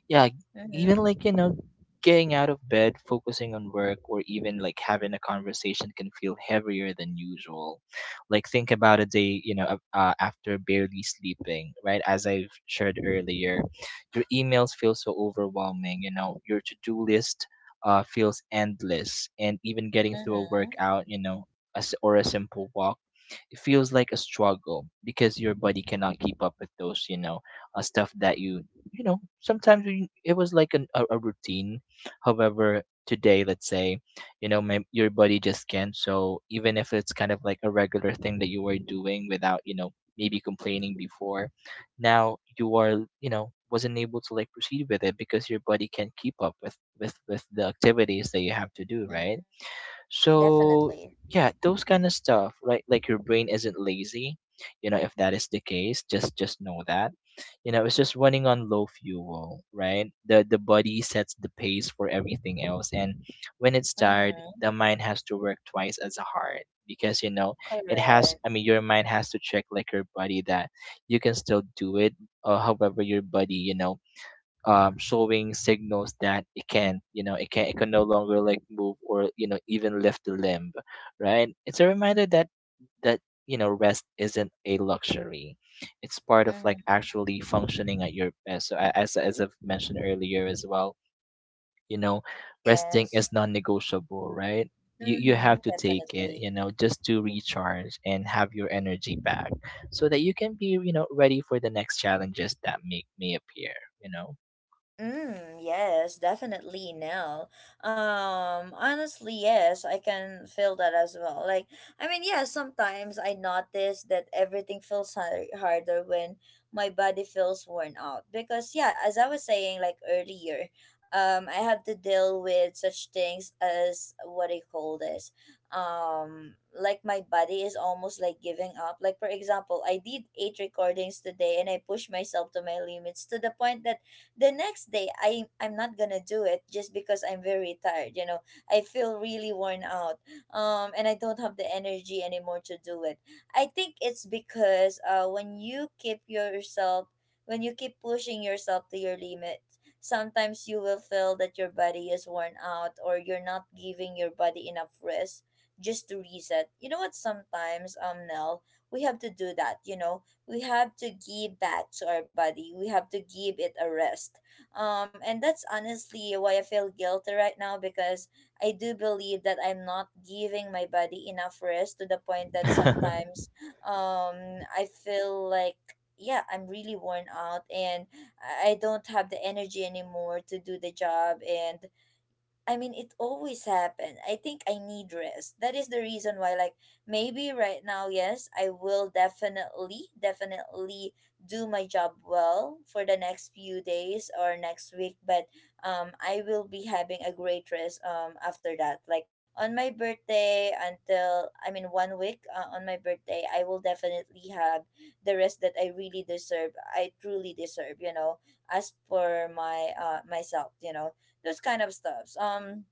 Yeah, even
Mm-hmm.
like you know getting out of bed, focusing on work, or even like having a conversation, can feel heavier than usual. Like think about a day, you know a- uh, after barely sleeping, right, as I've shared earlier. Your emails feel so overwhelming, you know your to-do list, uh, feels endless, and even getting through a
Mm-hmm.
workout, you know a s or a simple walk, it feels like a struggle because your body cannot keep up with those, you know uh, stuff that you you know sometimes we, it was like an, a, a routine. However today, let's say, you know my, your body just can't. So even if it's kind of like a regular thing that you were doing without, you know maybe complaining before, now you are, you know wasn't able to like proceed with it, because your body can't keep up with with with the activities that you have to do, right?
Mm-hmm.
So
Definitely.
yeah, those kind of stuff, right? Like your brain isn't lazy, you know. If that is the case, just just know that, you know, it's just running on low fuel, right? The the body sets the pace for everything else, and when it's tired,
Mm-hmm.
the mind has to work twice as hard, because you know it has.
Correct.
I mean, your mind has to check like your body that you can still do it, or however your body, you know, um, showing signals that it can, you know, it can it can no longer like move, or you know even lift a limb, right? It's a reminder that that you know rest isn't a luxury; it's part of like
Mm-hmm.
actually functioning at your best. So a- as as I've mentioned earlier as well, you know, resting
Yes.
is non-negotiable, right? You, you
Mm-hmm,
have to take it,
definitely.
you know, just to recharge and have your energy back, so that you can be, you know, ready for the next challenges that may, may appear, you
Mm, yes, definitely no. Um, honestly, yes, I can feel that as well. Like, I mean, yeah, sometimes I notice that everything feels har- harder when my body feels worn out. Because, yeah, as I was saying, like earlier, um, I have to deal with such things as what I call this. Um, like my body is almost like giving up. Like, for example, I did eight recordings today and I pushed myself to my limits, to the point that the next day i I'm not gonna do it, just because I'm very tired, you know. I feel really worn out um and I don't have the energy anymore to do it. I think it's because uh when you keep yourself, when you keep pushing yourself to your limit, sometimes you will feel that your body is worn out, or you're not giving your body enough rest just to reset. You know what, sometimes, um Nell, we have to do that, you know. We have to give back to our body. We have to give it a rest. Um, and that's honestly why I feel guilty right now, because I do believe that I'm not giving my body enough rest, to the point that
know.
sometimes um, I feel like, yeah, I'm really worn out, and i I don't have the energy anymore to do the job. And I mean, it always happen. I think I need rest. That is the reason why, like, maybe right now, yes, I will definitely, definitely do my job well for the next few days or next week. But um, I will be having a great rest um after that. Like on my birthday until I mean one week uh, on my birthday, I will definitely have the rest that I really deserve. I truly deserve. You know, as for my uh myself. You know, those kind of stuffs. Um,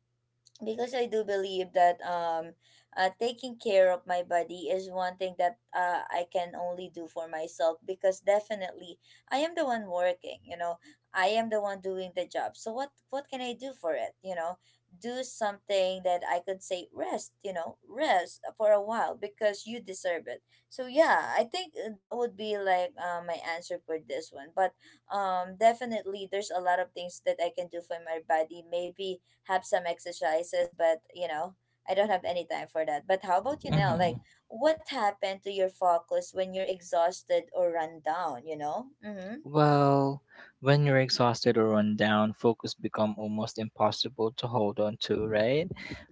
Because I do believe that um, uh, taking care of my body is one thing that uh, I can only do for myself, because definitely I am the one working. You know, I am the one doing the job. So what what can I do for it? You know, do something that I could say rest. You know, rest for a while, because you deserve it. So yeah, I think that would be like uh, my answer for this one. But um definitely there's a lot of things that I can do for my body. Maybe have some exercises, but you know, I don't have any time for that. But how about you now, like,
Mhm.
what happened to your focus when you're exhausted or run down, you know? Mm-hmm.
Well, when you're exhausted or run down, focus become almost impossible to hold on to, right?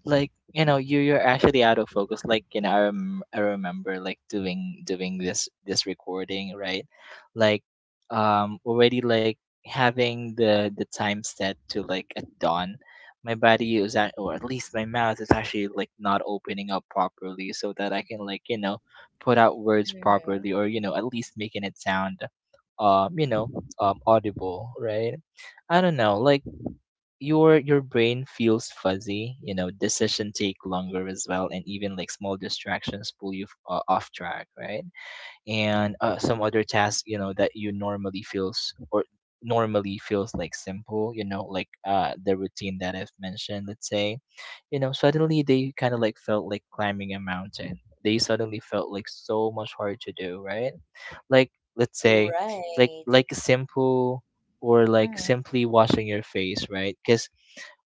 Like you know, you you're actually out of focus. Like you know, I, rem- I remember like doing doing this this recording, right? Like, um, already like having the the time set to like at dawn, my body is at or at least my mouth is actually like not opening up properly, so that I can like you know put out words
Mm-hmm.
properly or you know at least making it sound um you know um audible, right? I don't know, like your your brain feels fuzzy, you know, decision take longer as well, and even like small distractions pull you f- uh, off track, right? And uh, some other tasks, you know, that you normally feels or normally feels like simple, you know, like uh the routine that I've mentioned, let's say, you know, suddenly they kind of like felt like climbing a mountain. They suddenly felt like so much hard to do, right? Like, let's say, like
Right.
like simple, or like
Mm-hmm,
simply washing your face, right? Because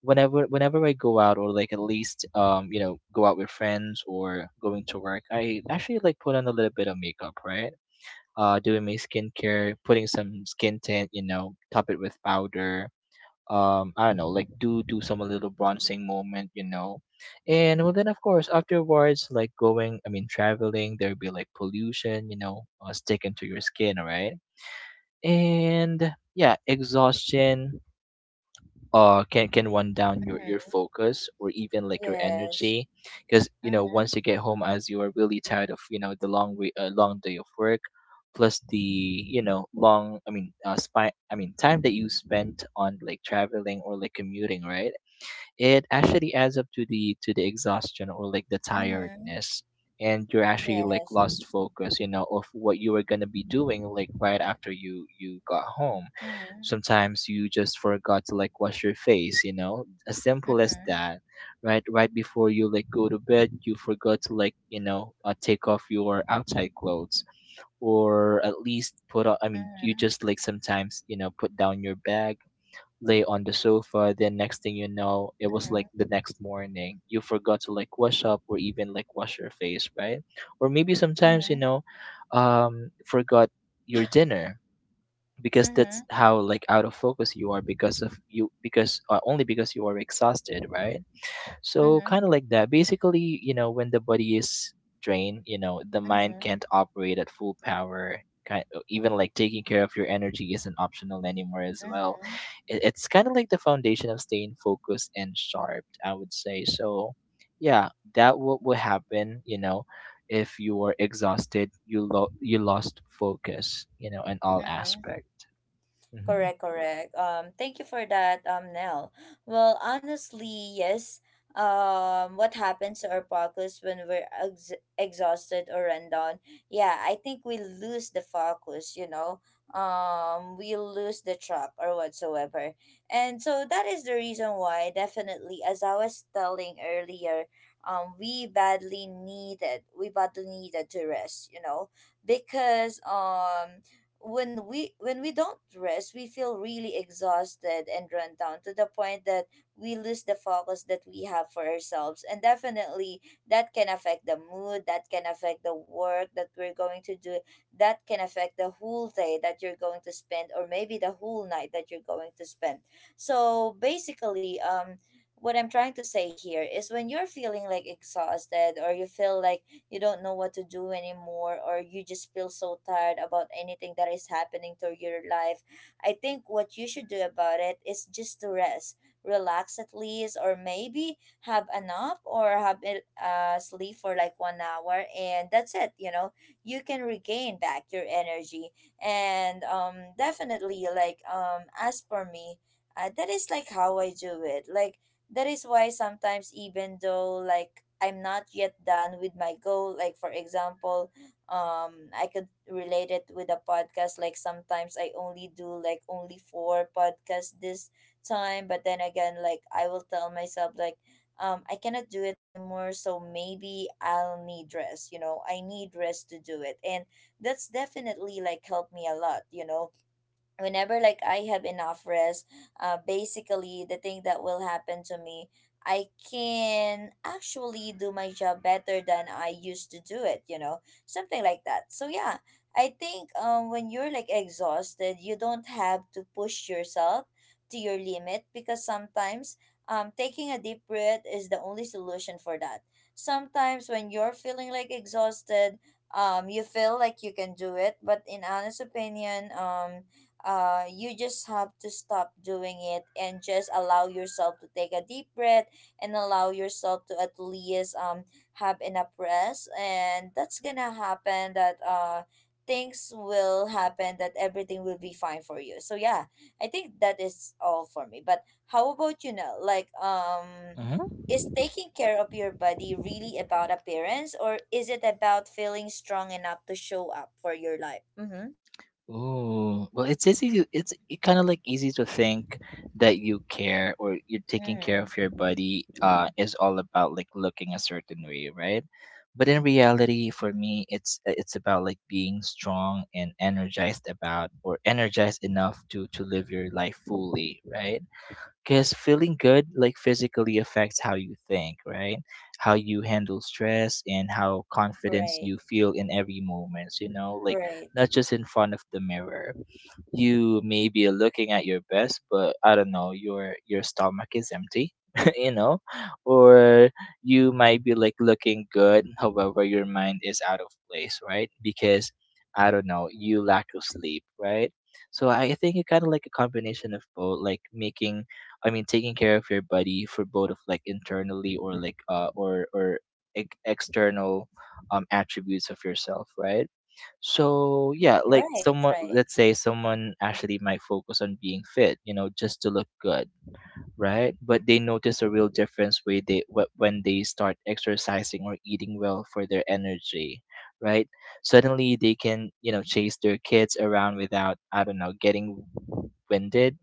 whenever whenever I go out or like at least um you know go out with friends or going to work, I actually like put on a little bit of makeup, right? Uh, doing my skincare, putting some skin tint, you know, top it with powder. Um, I don't know, like do do some little bronzing moment, you know, and well then of course afterwards, like going, I mean traveling, there'll be like pollution, you know, uh, sticking to your skin, right? And yeah, exhaustion, uh can can run down your your
mm-hmm.
focus or even like your
Yes.
energy, because you know
Mm-hmm.
once you get home as you are really tired of you know the long way uh, long day of work, plus the you know long, I mean uh spy i mean time that you spent on like traveling or like commuting, right? It actually adds up to the to the exhaustion or like the
Mm-hmm.
tiredness, and you're actually like
Yes.
lost focus, you know, of what you were going to be doing like right after you you got home.
Mm-hmm.
Sometimes you just forgot to like wash your face, you know, as simple as
Mm-hmm.
that, right? Right before you like go to bed, you forgot to like you know uh, take off your outside clothes, or at least put on, I mean you
Mm-hmm.
just like sometimes you know put down your bag, lay on the sofa. Then next thing you know, it was like the next morning. You forgot to like wash up or even like wash your face, right? Or maybe sometimes, you
Mm-hmm.
know, um, forgot your dinner, because that's
Mm-hmm.
how like out of focus you are because of you because uh, only because you are exhausted, right? So
Mm-hmm.
kind of like that. Basically, you know, when the body is drained, you know, the mind
Mm-hmm.
can't operate at full power. Kind even like taking care of your energy isn't optional anymore as well.
Mm-hmm.
It, it's kind of like the foundation of staying focused and sharp, I would say. So, yeah, that what will happen, you know, if you are exhausted, you lo- you lost focus, you know, in all
Mm-hmm.
aspect. Hmm.
Correct, correct. Um, thank you for that, um, Nell. Well, honestly, yes. Um, what happens to our focus when we're ex- exhausted or run down? Yeah, I think we lose the focus. You know, um, we lose the track or whatsoever, and so that is the reason why, definitely, as I was telling earlier, um, we badly needed, we badly needed to rest. You know, because um when we when we don't rest, we feel really exhausted and run down, to the point that we lose the focus that we have for ourselves. And definitely that can affect the mood, that can affect the work that we're going to do, that can affect the whole day that you're going to spend, or maybe the whole night that you're going to spend. So basically, um what I'm trying to say here is, when you're feeling like exhausted, or you feel like you don't know what to do anymore, or you just feel so tired about anything that is happening to your life, I think what you should do about it is just to rest, relax at least, or maybe have a nap or have a uh, sleep for like one hour, and that's it, you know. You can regain back your energy. And um definitely, like, um as for me, uh, that is like how I do it. Like that is why sometimes, even though like I'm not yet done with my goal, like for example, um I could relate it with a podcast, like sometimes I only do like only four podcasts this time. But then again, like, I will tell myself like um I cannot do it anymore, so maybe I'll need rest, you know. I need rest to do it. And that's definitely like helped me a lot, you know, whenever like I have enough rest, uh, basically the thing that will happen to me, I can actually do my job better than I used to do it. You know, something like that. So yeah, I think um when you're like exhausted, you don't have to push yourself to your limit, because sometimes um taking a deep breath is the only solution for that. Sometimes when you're feeling like exhausted, um you feel like you can do it, but in honest opinion, um uh, you just have to stop doing it and just allow yourself to take a deep breath, and allow yourself to at least um have enough rest, and that's gonna happen, that uh things will happen, that everything will be fine for you. So yeah, I think that is all for me. But how about you now? Like, um is taking care of your body really about appearance, or is it about feeling strong enough to show up for your life? Mm-hmm.
Ooh,
Yes.
well, it's easy to it's it kind of like easy to think that you care or you're taking care
Mm-hmm.
of your body uh is all about like looking a certain way, right? But in reality, for me, it's it's about like being strong and energized about or energized enough to to live your life fully, right? Because feeling good, like physically, affects how you think, right? How you handle stress and how confidence
Right,
you feel in every moment, you know, like
right,
not just in front of the mirror. You maybe are looking at your best, but I don't know, your your stomach is empty you know, or you might be like looking good, however your mind is out of place, right? Because I don't know, you lack of sleep, right? So I think it kind of like a combination of both, like making, I mean taking care of your body for both of like internally or like uh or or ex- external um attributes of yourself, right? So yeah, like
right,
someone,
right.
let's say someone actually might focus on being fit, you know, just to look good, right? But they notice a real difference when they wh- when they start exercising or eating well for their energy, right? Suddenly they can, you know, chase their kids around without, I don't know, getting winded,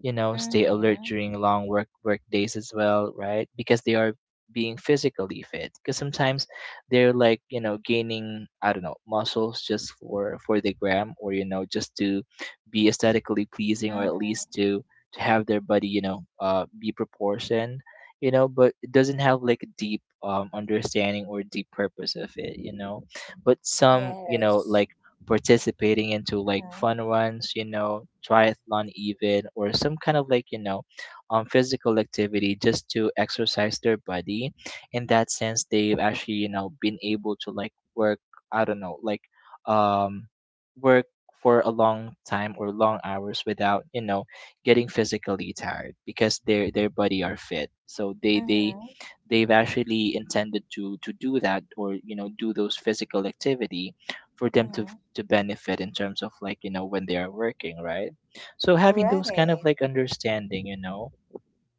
you know, stay alert
Mm-hmm,
during long work work days as well, right? Because they are being physically fit. Because sometimes they're like you know gaining, I don't know, muscles just for for the gram, or you know just to be aesthetically pleasing, or at
mm-hmm.
least to to have their body, you know, uh be proportioned, you know, but it doesn't have like a deep um understanding or deep purpose of it, you know. But some, you know,
Yes.
like participating into like
Mm-hmm,
fun runs, you know, triathlon even, or some kind of like, you know, um, physical activity just to exercise their body. In that sense, they've actually, you know, been able to like work, I don't know, like um, work for a long time or long hours without, you know, getting physically tired because their their body are fit. So they they
mm-hmm,
they've actually intended to to do that, or you know do those physical activity for them to
mm-hmm.
to benefit in terms of like you know when they are working, right? So having those kind of
Right.
like understanding, you know,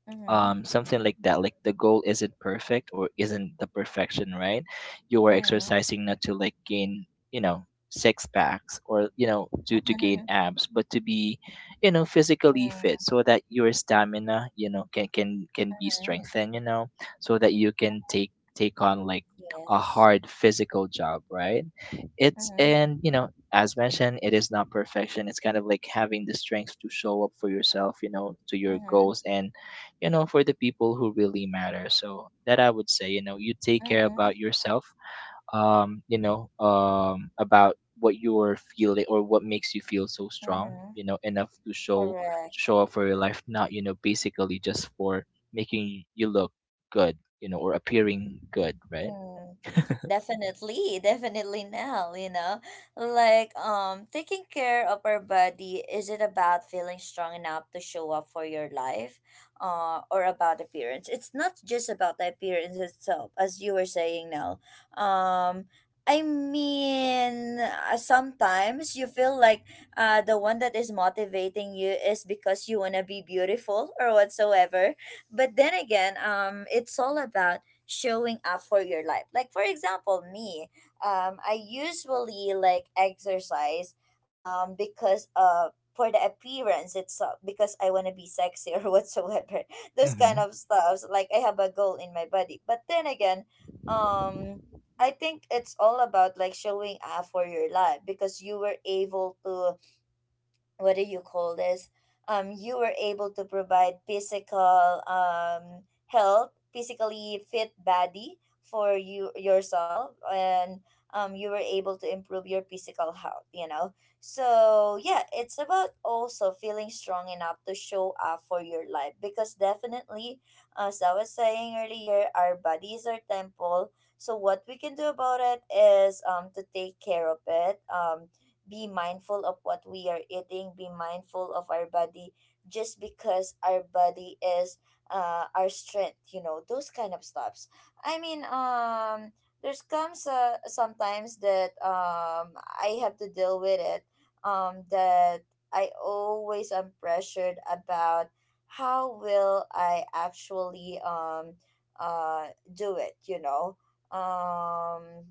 Mm-hmm,
um, something like that. Like the goal isn't perfect or isn't the perfection, right? You are
mm-hmm,
exercising not to like gain, you know, six packs or you know to to
mm-hmm,
gain abs, but to be, you know, physically fit
mm-hmm.
so that your stamina, you know, can can can be
Mm-hmm.
strengthened, you know, so that you can take take on like a
Yes.
hard physical job, right? It's
Mm-hmm,
and you know as mentioned, it is not perfection. It's kind of like having the strength to show up for yourself, you know, to your
mm-hmm,
goals and you know, for the people who really matter. So that I would say, you know, you take care
mm-hmm,
about yourself, um, you know, um, about what you're feeling or what makes you feel so strong,
mm-hmm.
you know, enough to show
Correct.
show up for your life, not, you know, basically just for making you look good, you know, or appearing good, right?
Mm, definitely, definitely now, you know. Like, um taking care of our body, is it about feeling strong enough to show up for your life? Uh or about appearance? It's not just about the appearance itself, as you were saying now. Um I mean, uh, sometimes you feel like uh, the one that is motivating you is because you want to be beautiful or whatsoever. But then again, um, it's all about showing up for your life. Like for example, me, um, I usually like exercise um because uh for the appearance itself, because I want to be sexy or whatsoever. Those kind
Mm-hmm.
of stuffs. Like I have a goal in my body. But then again, um I think it's all about like showing up for your life because you were able to what do you call this? Um, you were able to provide physical um, health, physically fit body for you yourself, and um, you were able to improve your physical health. You know, so yeah, it's about also feeling strong enough to show up for your life because definitely, as I was saying earlier, our bodies are temple. So what we can do about it is um to take care of it. Um, be mindful of what we are eating, be mindful of our body just because our body is uh, our strength, you know, those kind of stuffs. I mean, um, there's comes uh, sometimes that um, I have to deal with it, um, that I always am pressured about how will I actually um, uh, do it, you know? Um,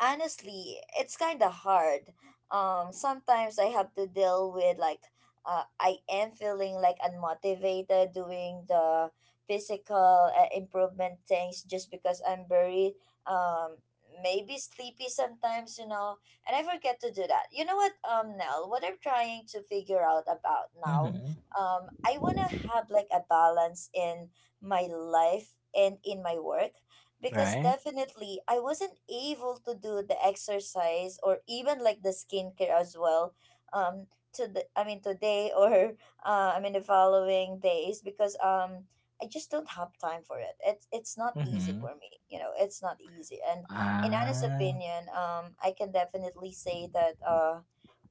Honestly, it's kind of hard. Um, sometimes I have to deal with like uh, I am feeling like unmotivated doing the physical uh, improvement things just because I'm very um maybe sleepy sometimes, you know, and I forget to do that. You know what, um, Nell, what I'm trying to figure out about now,
Mm-hmm.
um, I wanna have like a balance in my life and in my work because
Right?
definitely I wasn't able to do the exercise or even like the skincare as well um to the I mean today or uh, I mean the following days because um I just don't have time for it. It's it's not easy
Mm-hmm.
for me. You know, it's not easy. And in honest
Ah.
opinion, um I can definitely say that uh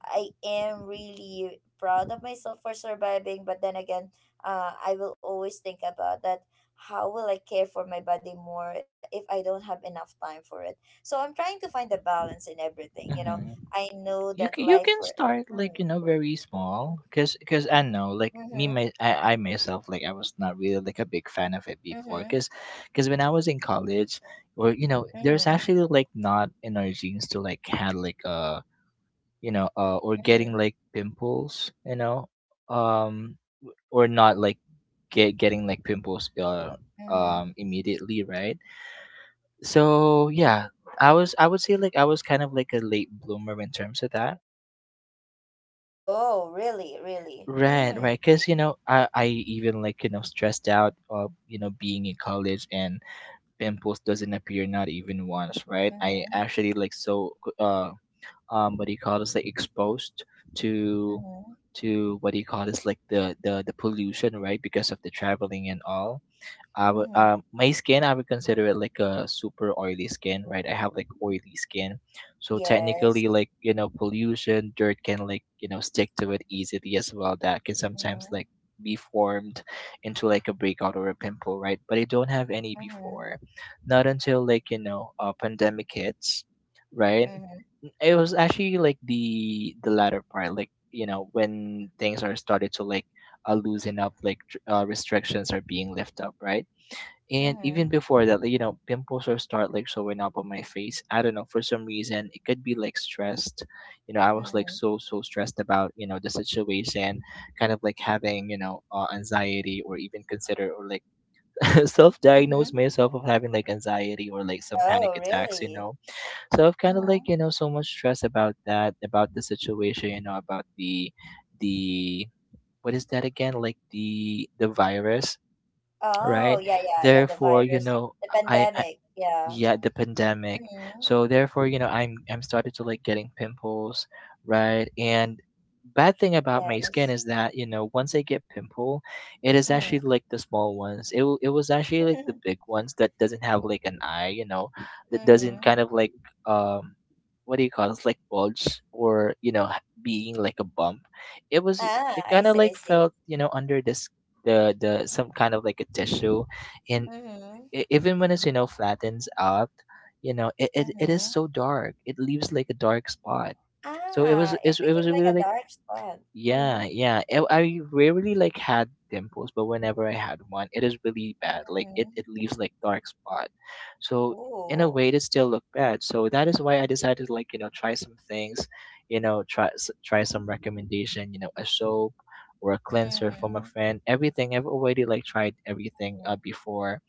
I am really proud of myself for surviving, but then again, uh, I will always think about that. How will I care for my body more uh, if I don't have enough time for it? So I'm trying to find a balance in everything. You know,
Mm-hmm.
I know
You
that
c- you
life.
can
For,
start
mm,
like you know very small, because because I know like me
mm-hmm,
my I, I myself, like I was not really like a big fan of it before,
mm-hmm,
because because when I was in college, or you know there's
mm-hmm,
actually like not in our genes to like had like uh you know uh or getting
mm-hmm.
like pimples, you know, um or not
Ooh.
like get getting like pimples uh
Mm-hmm.
um immediately, right? So
Mm-hmm.
yeah, I was, I would say like I was kind of like a late bloomer in terms of that.
Oh, really, really.
Right,
Mm,
right. Because, you know, I, I even like, you know, stressed out of, you know, being in college and pimples doesn't appear not even once, right? I
mm-hmm,
actually like so, uh, um, what do you call this? Like exposed to,
mm-hmm,
to what do you call this? Like the, the, the pollution, right? Because of the traveling and all. I would um
mm-hmm.
my skin I would consider it like a super oily skin, right? I have like oily skin. So
Yes.
technically like, you know, pollution, dirt can like, you know, stick to it easily as well. That can sometimes
Mm-hmm,
like be formed into like a breakout or a pimple, right? But I don't have any
mm-hmm,
before. Not until like, you know, a pandemic hits, right?
mm-hmm,
It was actually like the the latter part, like, you know, when things are started to like uh, loosen up, like tr- uh, restrictions are being lifted up, right? And
mm-hmm,
even before that, like, you know, pimples will start like showing up on my face. I don't know, for some reason, it could be like stressed. You know, I was like
mm-hmm.
so, so stressed about, you know, the situation, kind of like having, you know, uh, anxiety or even consider or like self diagnose
Mm-hmm.
myself of having like anxiety or like some panic
Oh,
attacks, you
really?
know. So I've kind of like,
Hmm.
you know, so much stress about that, about the situation, you know, about the, the, what is that again? Like the, the virus,
Oh,
right?
yeah, yeah, yeah. The
Therefore, you
virus,
know,
the
I
pandemic. Yeah.
yeah the pandemic.
Mm-hmm.
So therefore you know i'm i'm started to like getting pimples, right? And bad thing about my skin
Yes.
is that you know once I get pimple, it is
Mm.
actually like the small ones. It, wa- it was actually like the big ones that doesn't have like an eye, you know, that doesn't
Mm-hmm.
kind of like um what do you call it, it's like bulge or you know h- being like a bump. It was
Ah,
it
I
kind of
see, I
like
see.
felt you know under this the the some kind of like a tissue. And
Mm-hmm.
e- even when it's you know flattens out, you know it, it, it is
Mm-hmm.
so dark, it leaves like a dark spot. So it was
Ah, it
it's, it was
became like
really
a
like,
dark spot. Mm-hmm.
yeah, yeah, it, I rarely like had dimples, but whenever I had one it is really bad, like
Mm-hmm.
it, it leaves like dark spot. So in a
Ooh.
way it still looked bad, so that is why I decided to like you know try some things, you know, try s- try some recommendation, you know, a soap or a cleanser from a
Mm-hmm.
friend. Everything I've already like tried everything
Mm-hmm.
uh, before.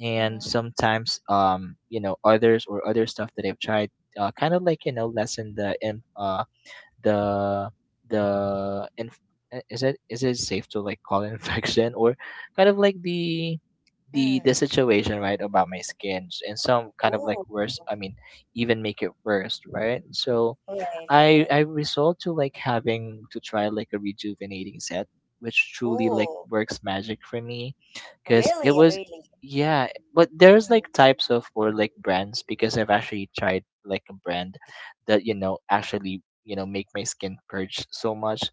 And
Mm-hmm.
sometimes um you know others or other stuff that I've tried uh, kind of like you know lessen the im- uh, the the inf- uh, is it is it safe to like call it infection, or kind of like the the the
Mm.
situation, right, about my skin s- and some kind of like
Ooh.
worse, I mean even make it worse, right? So
Right,
i
right.
i resort to like having to try like a rejuvenating set, which truly like
Ooh.
works magic for me, because it
Really,
was,
really.
yeah. But there's
Mm-hmm.
like types of or like brands, because I've actually tried like a brand that you know actually you know make my skin purge so much.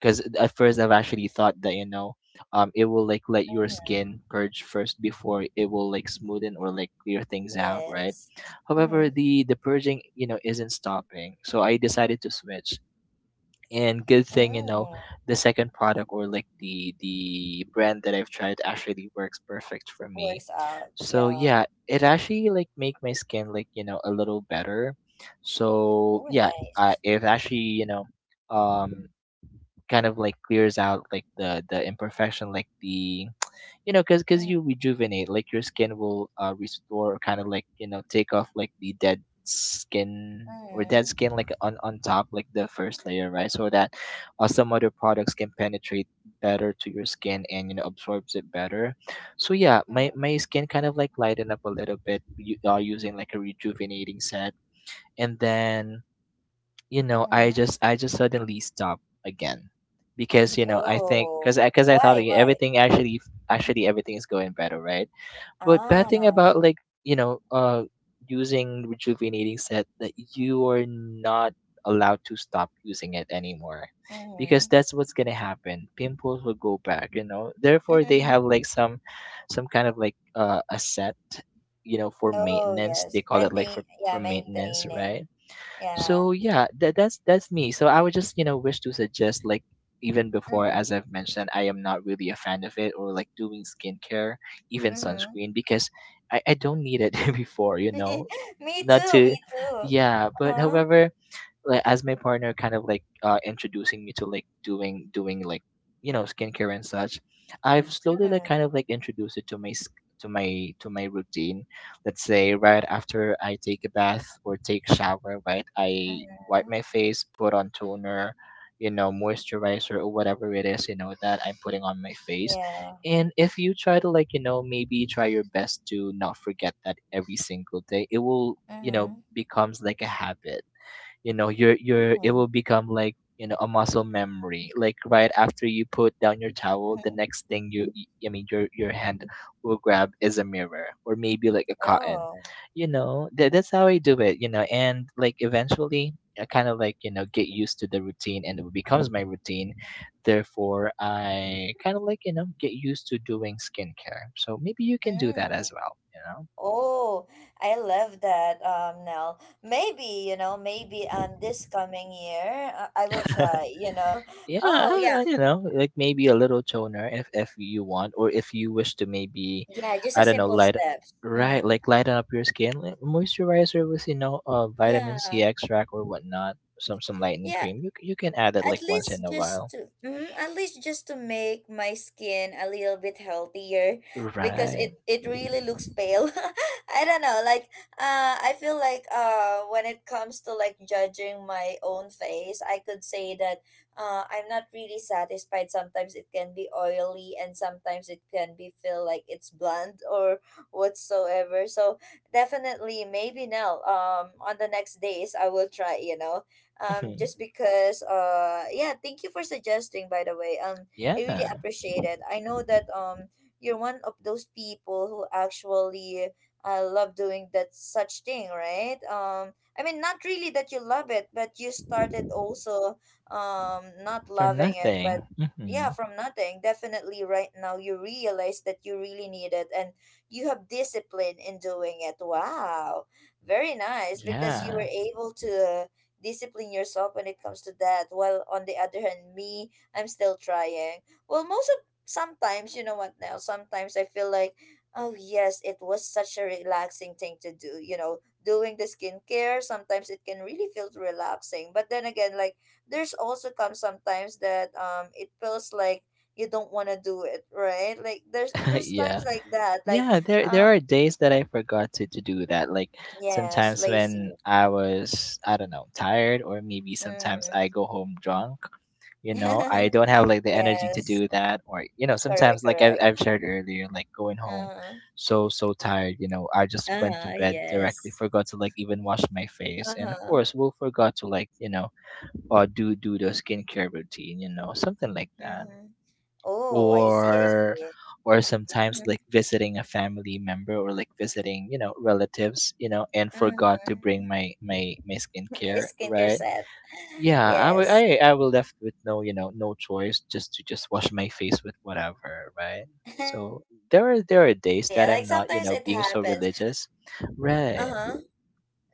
Because at first I've actually thought that you know um it will like let your skin purge first before it will like smoothen or like clear things out, right?
Yes.
However,
Hmm.
the the purging you know isn't stopping, so I decided to switch. And good thing, you know,
Mm-hmm.
the second product or like the the brand that I've tried actually works perfect for
Works
me.
out.
So
Yeah.
yeah, it actually like make my skin like you know a little better.
Oh,
So yeah,
nice.
uh, it actually you know um kind of like clears out like the the imperfection, like the, you know, because
Mm,
because you rejuvenate like your skin will uh restore or kind of like you know take off like the dead skin or dead
mm,
skin like on on top like the first layer, right, so that uh, some other products can penetrate better to your skin and you know absorbs it better. So yeah, my
mm,
my skin kind of like lighten up a little bit, you are using like a rejuvenating set. And then, you know, i
mm.
just i just suddenly stopped again, because you know I think because
Oh,
i because i thought
why?
that
Why?
everything actually, actually everything is going better, right? But bad thing
Ah.
about like you know uh using rejuvenating set, that you are not allowed to stop using it anymore, because
Mm.
that's what's gonna happen, pimples will go back, you know. Therefore they have like some some kind of like uh a set, you know, for
Oh,
maintenance, they
yes.
call it like for
Maintain.
for
Yeah,
maintenance,
maintaining.
right?
Yeah.
So yeah, that that's that's me. So I would just you know wish to suggest like, even before,
Mm,
as I've mentioned, I am not really a fan of it or like doing skincare, even
mm-hmm.
sunscreen, because I I don't need it before, you know,
Me
not
too.
to,
Me too.
yeah. But
Uh-huh.
however, like as my partner kind of like uh introducing me to like doing doing like you know skincare and such, I've slowly like
Mm,
kind of like introduced it to my sk- to my to my routine. Let's say right after I take a bath or take shower, right, I wipe
mm-hmm.
my face, put on toner, you know, moisturizer, or whatever it is you know that I'm putting on my face.
Yeah.
And if you try to like you know maybe try your best to not forget that every single day, it will you know
Mm-hmm.
becomes like a habit, you know, your your it
Mm-hmm.
will become like you know a muscle memory, like right after you put down your towel, the next thing you y- I mean your your hand will grab is a mirror or maybe like a cotton,
Oh.
you know, that, that's how I do it, you know, and like eventually I kind of like you know get used to the routine and it becomes my routine. Therefore I kind of like you know get used to doing skincare, so maybe you can do that
Mm.
as well, you know.
Oh, I love that, um, Nell. Maybe, you know, maybe um this coming year uh, I will try, you know.
Yeah,
Oh,
I,
yeah.
I don't know, like maybe a little toner, if if you want, or if you wish to maybe,
Yeah, just
I
a
don't know,
simple
light,
steps.
right,
Mm.
like lighten up your skin, like moisturizer with you know, uh, vitamin
Yeah.
C extract or whatnot, some some lightening
Yeah,
cream. You c- you can add it
at
like once in
least
a
just
while.
to mm, at least just to make my skin a little bit healthier because
Right.
it it really looks pale I don't know like uh I feel like uh when it comes to like judging my own face I could say that uh I'm not really satisfied. Sometimes it can be oily and sometimes it can be feel like it's blunt or whatsoever. So definitely maybe now um on the next days I will try, you know, um
Mhm.
just because uh yeah, thank you for suggesting, by the way. um I really
Yeah,
appreciate it. I know that um you're one of those people who actually uh, love doing that such thing, right? um I mean, not really that you love it, but you started also, um not
for
loving it,
nothing.
but
Hmm.
yeah, from nothing. Definitely, right now you realize that you really need it and you have discipline in doing it. Wow, very nice, because you were
Yeah,
able to discipline yourself when it comes to that. While on the other hand, me, I'm still trying. Well, most of sometimes, you know what now, sometimes I feel like, oh yes, it was such a relaxing thing to do, you know, doing the skincare. Sometimes it can really feel relaxing, but then again, like, there's also come sometimes that um it feels like you don't want to do it, right? Like there's there's times
yeah.
like that. Like
Yeah, there
uh
there are days that I forgot to, to do that. Like
yes,
sometimes when
lazy.
I was, I don't know, tired, or maybe sometimes
Mm.
I go home drunk, you know, I don't have like the energy to
Yes,
do that. Or you know, sometimes
correct,
like I've
correct.
I've shared earlier, like going home
Uh-huh.
so so tired, you know, I just went to
Uh-huh,
bed directly,
yes.
forgot to like even wash my face, and of
Uh-huh.
course we'll forgot to like, you know, or do do the skincare routine, you know, something like that.
Mm-hmm. Oh, I see, I
or
see.
or sometimes like visiting a family member or like visiting you know relatives, you know, and forgot to
Mm-hmm.
bring my my my skincare,
Skincare
right.
set.
Yeah, I
Yes.
will I, I will left with no you know no choice, just to just wash my face with whatever, right. So there are there are days
Definitely.
that
Like
I'm not you
sometimes
know
it
being so
happens.
religious, right.
Uh-huh.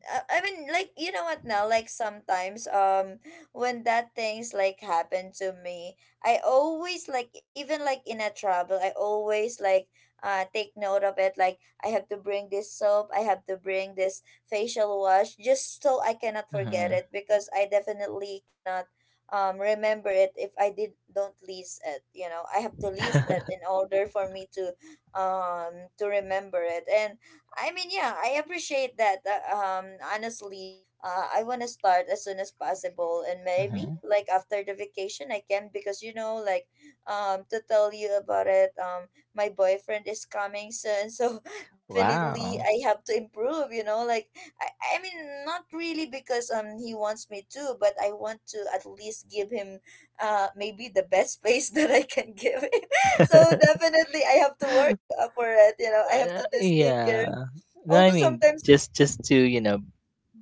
uh, I mean, like, you know what now? Like sometimes, um, when that things like happen to me, I always like, even like in a trouble, I always like uh take note of it. Like I have to bring this soap, I have to bring this facial wash, just so I cannot forget
Hmm.
it, because I definitely cannot um remember it if I did don't list it. You know, I have to list it in order for me to um to remember it. And I mean, yeah, I appreciate that. Uh, um, honestly, uh, I want to start as soon as possible, and maybe
Hmm.
like after the vacation, I can, because you know, like, um, to tell you about it. Um, my boyfriend is coming soon, so definitely
Wow.
I have to improve. You know, like, I, I mean, not really because um he wants me to, but I want to at least give him, uh, maybe the best space that I can give him. So definitely I have to work uh, for it. You know, I have
Uh,
to do skincare
yeah. No, I
although
mean
sometimes
just just to you know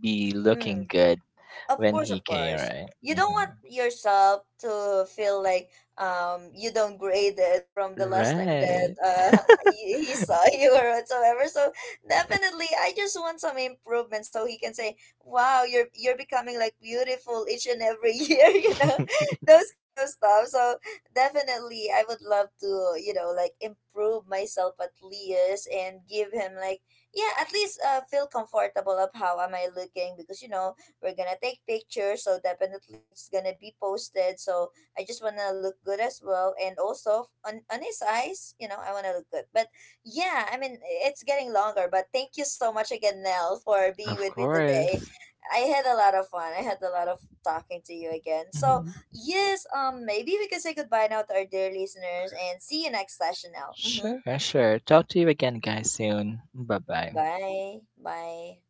be
mm,
looking good
of
when
course,
he
of
came,
course.
right?
You don't want
Mhm.
yourself to feel like um you don't grade it from the last time that
Right.
uh he, he saw you or whatsoever. So definitely, I just want some improvement so he can say, "Wow, you're you're becoming like beautiful each and every year," you know, those kind of stuff. So definitely, I would love to, you know, like improve myself at least, and give him like, yeah, at least uh feel comfortable of how am I looking, because you know we're gonna take pictures, so definitely it's gonna be posted. So I just wanna look good as well, and also on on his eyes, you know, I wanna look good. But yeah, I mean, it's getting longer. But thank you so much again, Nell, for being
Of
with me today.
course.
I had a lot of fun. I had a lot of fun talking to you again. So
Mhm.
yes, um, maybe we can say goodbye now to our dear listeners and see you next session now. Mm-hmm.
Sure, sure. Talk to you again, guys, soon. Bye bye.
Bye. Bye.